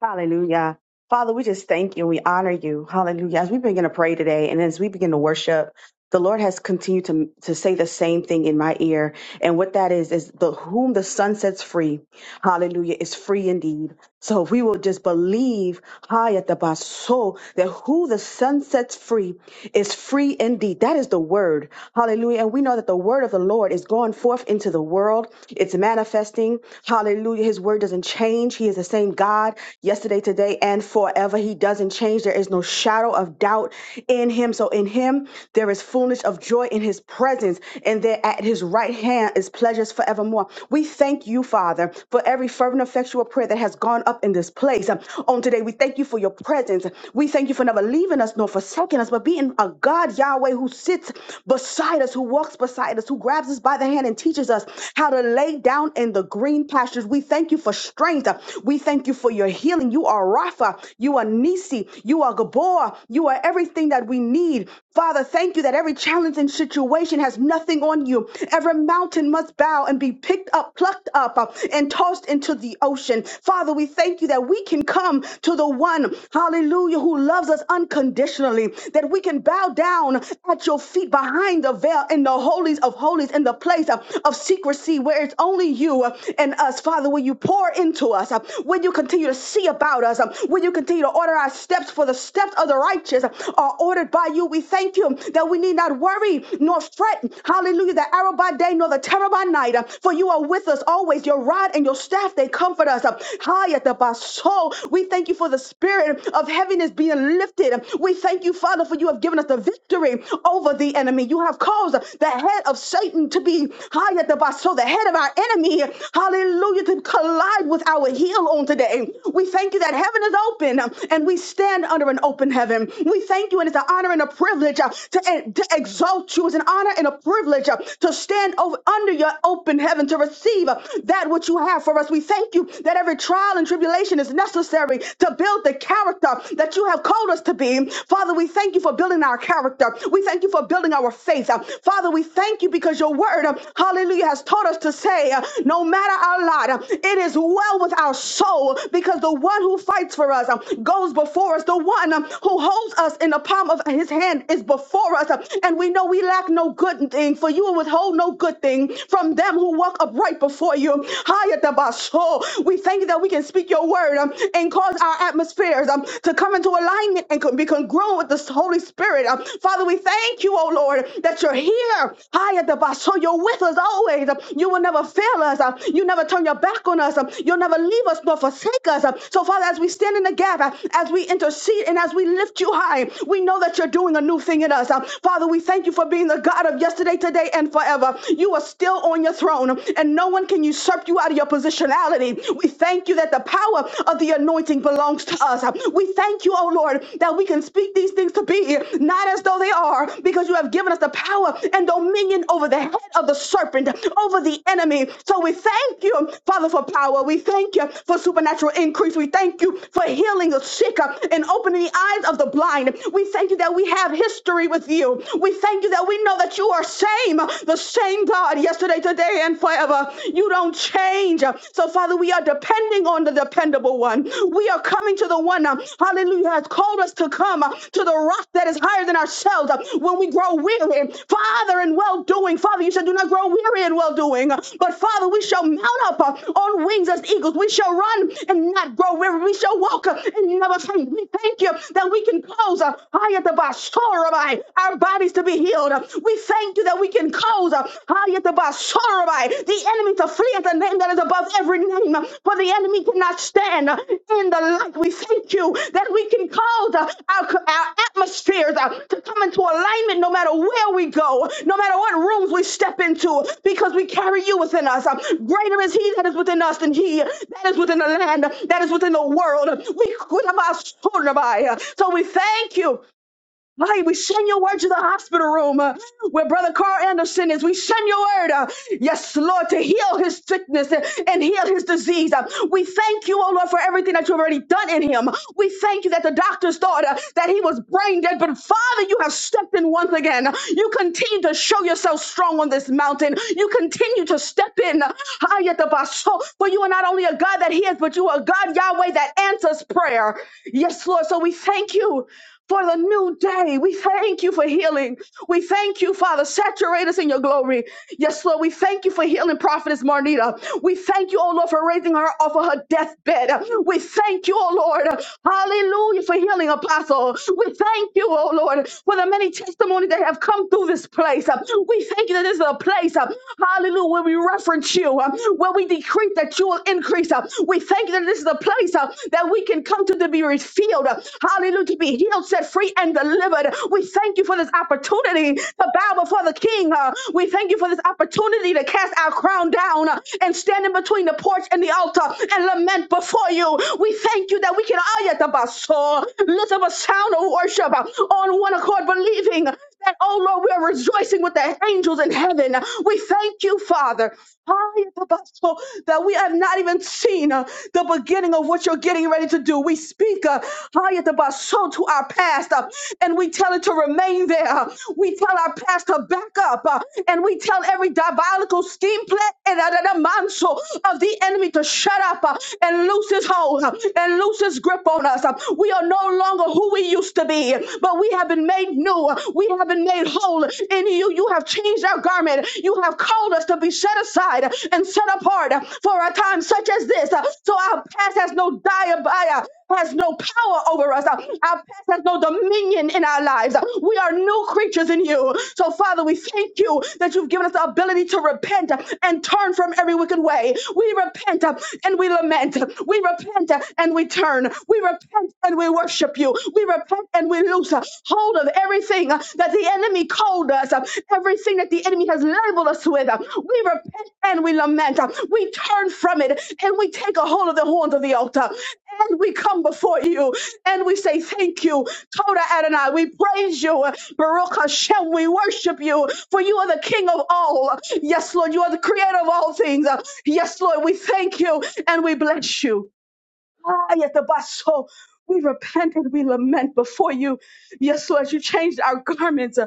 Hallelujah. Father, we just thank you we honor you. Hallelujah. As we begin to pray today and as we begin to worship, the Lord has continued to, to say the same thing in my ear. And what that is, is the whom the sun sets free, hallelujah, is free indeed. So if we will just believe, high at the baso, that who the sun sets free is free indeed. That is the word. Hallelujah. And we know that the word of the Lord is going forth into the world. It's manifesting. Hallelujah. His word doesn't change. He is the same God yesterday, today, and forever. He doesn't change. There is no shadow of doubt in him. So in him, there is fullness of joy in his presence, and there at his right hand is pleasures forevermore. We thank you, Father, for every fervent, effectual prayer that has gone up in this place. Um, On today, we thank you for your presence. We thank you for never leaving us nor forsaking us, but being a God, Yahweh, who sits beside us, who walks beside us, who grabs us by the hand and teaches us how to lay down in the green pastures. We thank you for strength. We thank you for your healing. You are Rapha. You are Nisi. You are Gabor. You are everything that we need. Father, thank you that every challenge and situation has nothing on you. Every mountain must bow and be picked up, plucked up, uh, and tossed into the ocean. Father, we thank you that we can come to the one, hallelujah, who loves us unconditionally, that we can bow down at your feet behind the veil in the holies of holies, in the place place uh, of secrecy where it's only you uh, and us, Father, when you pour into us, uh, when you continue to see about us, uh, when you continue to order our steps, for the steps of the righteous uh, are ordered by you. We thank you that we need not worry nor fret. Hallelujah. The arrow by day nor the terror by night, uh, for you are with us always. Your rod and your staff, they comfort us. uh, High at the basol. We thank you for the spirit of heaviness being lifted. We thank you, Father, for you have given us the victory over the of the enemy. You have caused the head of Satan to be high at the bottom. So the head of our enemy, hallelujah, to collide with our heel on today. We thank you that heaven is open uh, and we stand under an open heaven. We thank you, and it's an honor and a privilege uh, to, uh, to exalt you. It's an honor and a privilege uh, to stand over under your open heaven to receive uh, that which you have for us. We thank you that every trial and tribulation is necessary to build the character that you have called us to be. Father, we thank you for building our character. We thank you for building our faith. Uh, Father, we thank you because your word, uh, hallelujah, has taught us to say, uh, no matter our lot, uh, it is well with our soul because the one who fights for us uh, goes before us. The one um, who holds us in the palm of his hand is before us. uh, And we know we lack no good thing, for you will withhold no good thing from them who walk upright before you. Hayatabaso. We thank you that we can speak your word um, and cause cause our atmospheres um, to come into alignment and co- be congruent with the Holy Spirit. Um, Father, we thank you, oh Lord, that you're here. Hi at the bus. So you're with us always. Um, you will never fail us. Um, you never turn your back on us. Um, you'll never leave us nor forsake us. Um, so, Father, as we stand in the gap, uh, as we intercede and as we lift you high, we know that you're doing a new thing in us. Um, Father, we thank you for being the God of yesterday, today, and forever. You are still on your throne, um, and no one can usurp you out of your position intentionality. We thank you that the power of the anointing belongs to us. We thank you, oh Lord, that we can speak these things to be not as though they are, because you have given us the power and dominion over the head of the serpent, over the enemy. So we thank you, Father, for power. We thank you for supernatural increase. We thank you for healing the sick uh, and opening the eyes of the blind. We thank you that we have history with you. We thank you that we know that you are same, the same God yesterday say today and forever. You don't change. So, Father, we are depending on the dependable one. We are coming to the one, uh, hallelujah, has called us to come uh, to the rock that is higher than ourselves uh, when we grow weary. Father, in well doing, Father, you said, do not grow weary in well doing. But, Father, we shall mount up uh, on wings as eagles. We shall run and not grow weary. We shall walk uh, and never faint. We thank you that we can close uh, high at the bar, our bodies to be healed uh, we thank you that we can cause uh, Hayataba Sorabai, the enemy to flee at the name that is above every name, uh, for the enemy cannot stand uh, in the light. We thank you that we can cause uh, our, our atmospheres uh, to come into alignment no matter where we go, no matter what rooms we step into, because we carry you within us. Uh, Greater is He that is within us than He that is within the land, that is within the world. We Kutabasorabai. So we thank you. Hey, we send your word to the hospital room uh, where Brother Carl Anderson is. We send your word, uh, yes, Lord, to heal his sickness and, and heal his disease. Uh, we thank you, oh Lord, for everything that you've already done in him. We thank you that the doctors thought uh, that he was brain dead, but Father, you have stepped in once again. You continue to show yourself strong on this mountain. You continue to step in. Hayatabaso. For you are not only a God that hears, but you are a God, Yahweh, that answers prayer. Yes, Lord. So we thank you for the new day. We thank you for healing. We thank you, Father. Saturate us in your glory. Yes, Lord, we thank you for healing Prophetess Marnita. We thank you, oh Lord, for raising her off of her deathbed. We thank you, oh Lord. Hallelujah for healing Apostle. We thank you, oh Lord, for the many testimonies that have come through this place. We thank you that this is a place, hallelujah, where we reference you, where we decree decree that you will increase. uh, We thank you that this is the place uh, that we can come to the be refilled. uh, Hallelujah. To be healed, set free, and delivered. We thank you for this opportunity to bow before the King. uh, We thank you for this opportunity to cast our crown down uh, and stand in between the porch and the altar and lament before you. We thank you that we can ayatabaso, lift up a sound of worship uh, on one accord, believing that, oh Lord, we are rejoicing with the angels in heaven. We thank you, Father that we have not even seen uh, the beginning of what you're getting ready to do. We speak uh, to our past uh, and we tell it to remain there. uh, We tell our past to back up uh, and we tell every diabolical scheme plan and another manso of the enemy to shut up uh, and loose his hold uh, and loose his grip on us. uh. We are no longer who we used to be, but we have been made new. uh, We have been made whole in you. You have changed our garment. You have called us to be set aside and set apart for a time such as this. So our past has no diabia, has no power over us. Our past has no dominion in our lives. We are new creatures in you. So, Father, we thank you that you've given us the ability to repent and turn from every wicked way. We repent and we lament. We repent and we turn. We repent and we worship you. We repent and we loose uh, hold of everything uh, that the enemy called us, uh, everything that the enemy has labeled us with. uh, We repent and we lament. uh, We turn from it and we take a hold of the horns of the altar. And we come before you and we say, Thank you, Toda Adonai. We praise you, uh, Baruch Hashem. We worship you, for you are the King of all. Yes, Lord, you are the creator of all things. Yes, Lord, we thank you and we bless you. Ah, yet the basso. We repented, we lament before you. Yes, Lord, you changed our garments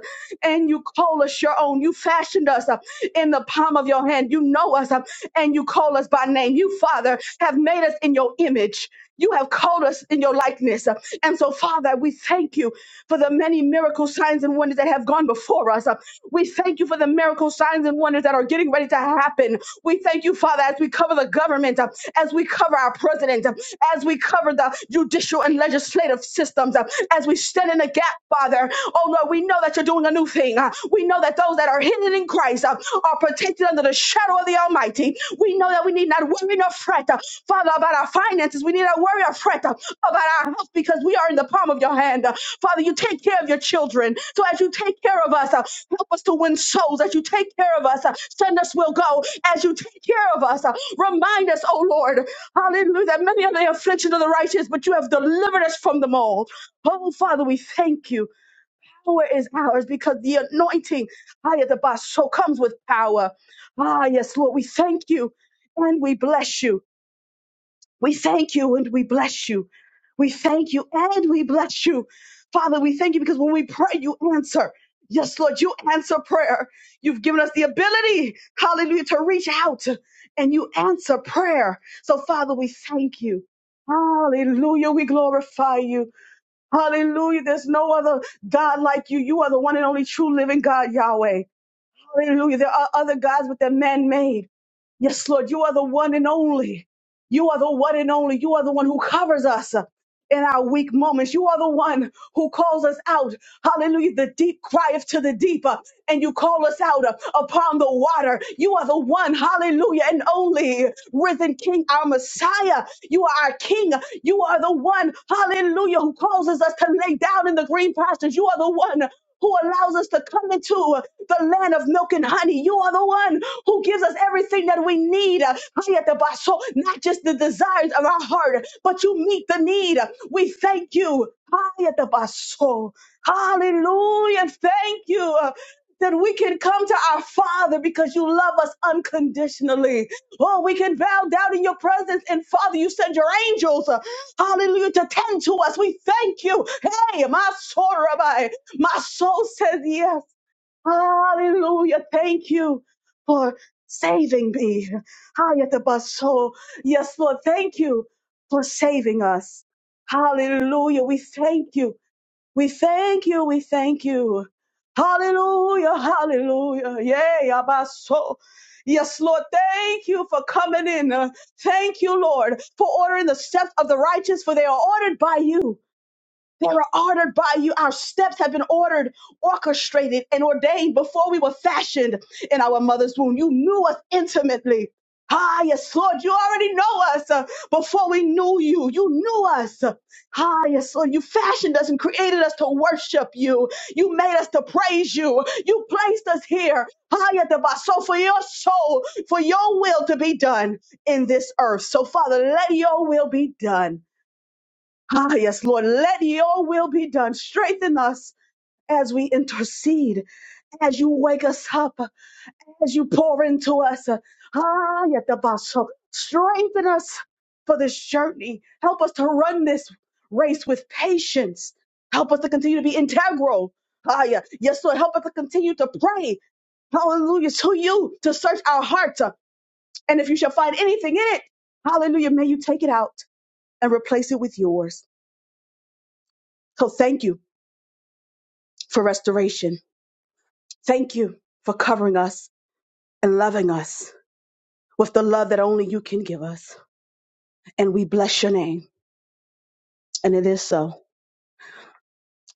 and you call us your own. You fashioned us uh, in the palm of your hand. You know us uh, and you call us by name. You, Father, have made us in your image. You have called us in your likeness. uh, And so, Father, we thank you for the many miracle signs and wonders that have gone before us. uh, We thank you for the miracle signs and wonders that are getting ready to happen. We thank you, Father, as we cover the government, uh, as we cover our president, uh, as we cover the judicial and legislative systems, uh, as we stand in the gap, Father. Oh Lord, we know that you're doing a new thing. Uh, We know that those that are hidden in Christ uh, are protected under the shadow of the Almighty. We know that we need not worry nor fret, uh, Father, about our finances. We need not worry or fret uh, about our health because we are in the palm of your hand. Uh, Father, you take care of your children. So as you take care of us, uh, help us to win souls. As you take care of us, uh, send us, we'll go. As you take care of us, uh, remind us, oh Lord, hallelujah, that many are the afflictions of the righteous, but you have delivered us from them all. Oh, Father, we thank you power is ours because the anointing, higher the boss, so comes with power. Ah, yes, Lord, we thank you and we bless you. We thank you and we bless you. We thank you and we bless you. Father, we thank you because when we pray, you answer. Yes, Lord, you answer prayer. You've given us the ability, hallelujah, to reach out and you answer prayer. So, Father, we thank you. Hallelujah. We glorify you. Hallelujah. There's no other God like you. You are the one and only true living God, Yahweh. Hallelujah. There are other gods, but they're man made. Yes, Lord, you are the one and only. You are the one and only. You are the one who covers us in our weak moments. You are the one who calls us out. Hallelujah. The deep crieth to the deeper, and you call us out uh, upon the water. You are the one, hallelujah, and only risen King, our Messiah. You are our King. You are the one, hallelujah, who causes us to lay down in the green pastures. You are the one who allows us to come into the land of milk and honey. You are the one who gives us everything that we need. Hayatabaso, Not just the desires of our heart, but you meet the need. We thank you. Hayatabaso. Hallelujah. Thank you. uh, That we can come to our Father because you love us unconditionally. Oh, we can bow down in your presence. And Father, you send your angels, uh, hallelujah, to tend to us. We thank you. Hey, my soul, Rabbi. My soul says yes. Hallelujah. Thank you for saving me. Hayatabaso. Yes, Lord. Thank you for saving us. Hallelujah. We thank you. We thank you. We thank you. Hallelujah. Hallelujah. Yay. Abaso. Yes, Lord, thank you for coming in. Uh, Thank you, Lord, for ordering the steps of the righteous, for they are ordered by you. They are ordered by you. Our steps have been ordered, orchestrated, and ordained before we were fashioned in our mother's womb. You knew us intimately. Ah, yes, Lord, you already know us uh, before we knew you. You knew us. Ah, yes, Lord, you fashioned us and created us to worship you. You made us to praise you. You placed us here. Ah, yes, the boss. So for your soul, for your will to be done in this earth. So, Father, let your will be done Ah, yes, Lord, let your will be done. Strengthen us as we intercede, as you wake us up, as you pour into us. Ah, yet the basso. Strengthen us for this journey. Help us to run this race with patience. Help us to continue to be integral. Ah, yeah. Yes, Lord, help us to continue to pray. Hallelujah. To you to search our hearts. And if you shall find anything in it, hallelujah, may you take it out and replace it with yours. So thank you. for restoration. Thank you for covering us and loving us with the love that only you can give us. And we bless your name. And it is so.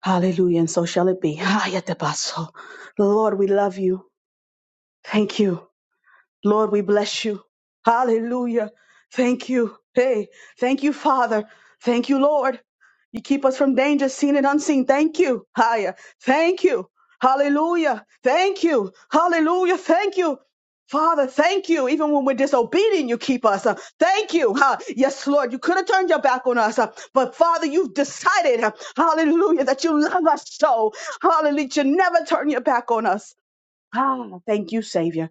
Hallelujah. And so shall it be. *laughs* Hayatabaso. Lord, we love you. Thank you. Lord, we bless you. Hallelujah. Thank you. Hey, thank you, Father. Thank you, Lord. You keep us from danger, seen and unseen. Thank you. Higher. Thank you. Hallelujah. Thank you. Hallelujah. Thank you. Father, thank you. Even when we're disobedient, you keep us. Uh, Thank you. huh? Yes, Lord, you could have turned your back on us, uh, but Father, you've decided, uh, hallelujah, that you love us so. Hallelujah, you never turn your back on us. Ah, thank you, Savior.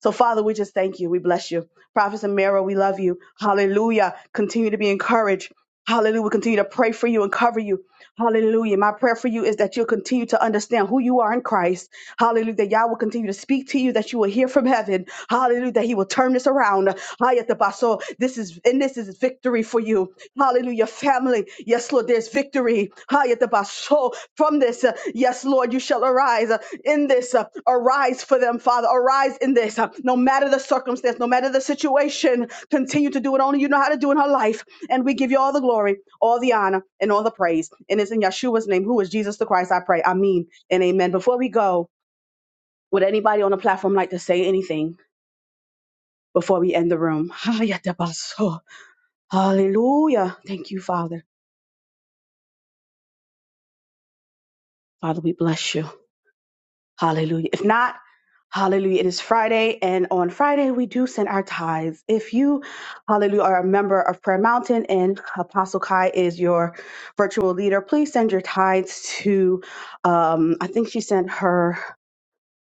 So, Father, we just thank you. We bless you. Prophet Samira. we love you. Hallelujah. Continue to be encouraged. Hallelujah. We continue to pray for you and cover you. Hallelujah. My prayer for you is that you'll continue to understand who you are in Christ. Hallelujah. That Yah will continue to speak to you, that you will hear from heaven. Hallelujah. That He will turn this around. Hayatabaso. This is and this is victory for you. Hallelujah. Family. Yes, Lord, there's victory. Hayatabaso. From this, uh, yes, Lord, you shall arise in this. uh, arise for them, Father. Arise in this. uh, no matter the circumstance, no matter the situation, continue to do what only you know how to do in her life. And we give you all the glory, all the honor, and all the praise. And it's in Yeshua's name, who is Jesus the Christ, I pray. Amen and amen. Before we go, would anybody on the platform like to say anything before we end the room? *laughs* Hallelujah. Thank you, Father. Father, we bless you. Hallelujah. If not, hallelujah. It is Friday, and on Friday, we do send our tithes. If you, hallelujah, are a member of Prayer Mountain and Apostle Kai is your virtual leader, please send your tithes to, um, I think she sent her.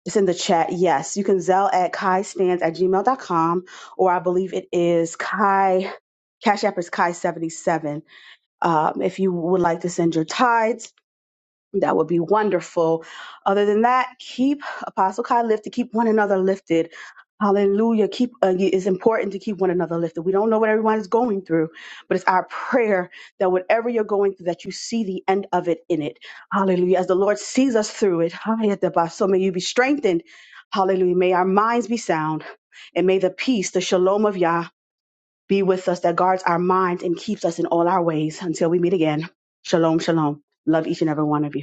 It's in the chat. Yes, you can zell at kaistands at gmail dot com, or I believe it is Kai, Cash App is Kai77. Um, if you would like to send your tithes, that would be wonderful. Other than that, keep Apostle Kai lifted, keep one another lifted. Hallelujah. Keep uh, it's important to keep one another lifted. We don't know what everyone is going through, but it's our prayer that whatever you're going through, that you see the end of it in it. Hallelujah. As the Lord sees us through it, *laughs* hallelujah. so may you be strengthened. Hallelujah. May our minds be sound, and may the peace, the shalom of Yah, be with us that guards our minds and keeps us in all our ways until we meet again. Shalom, shalom. Love each and every one of you.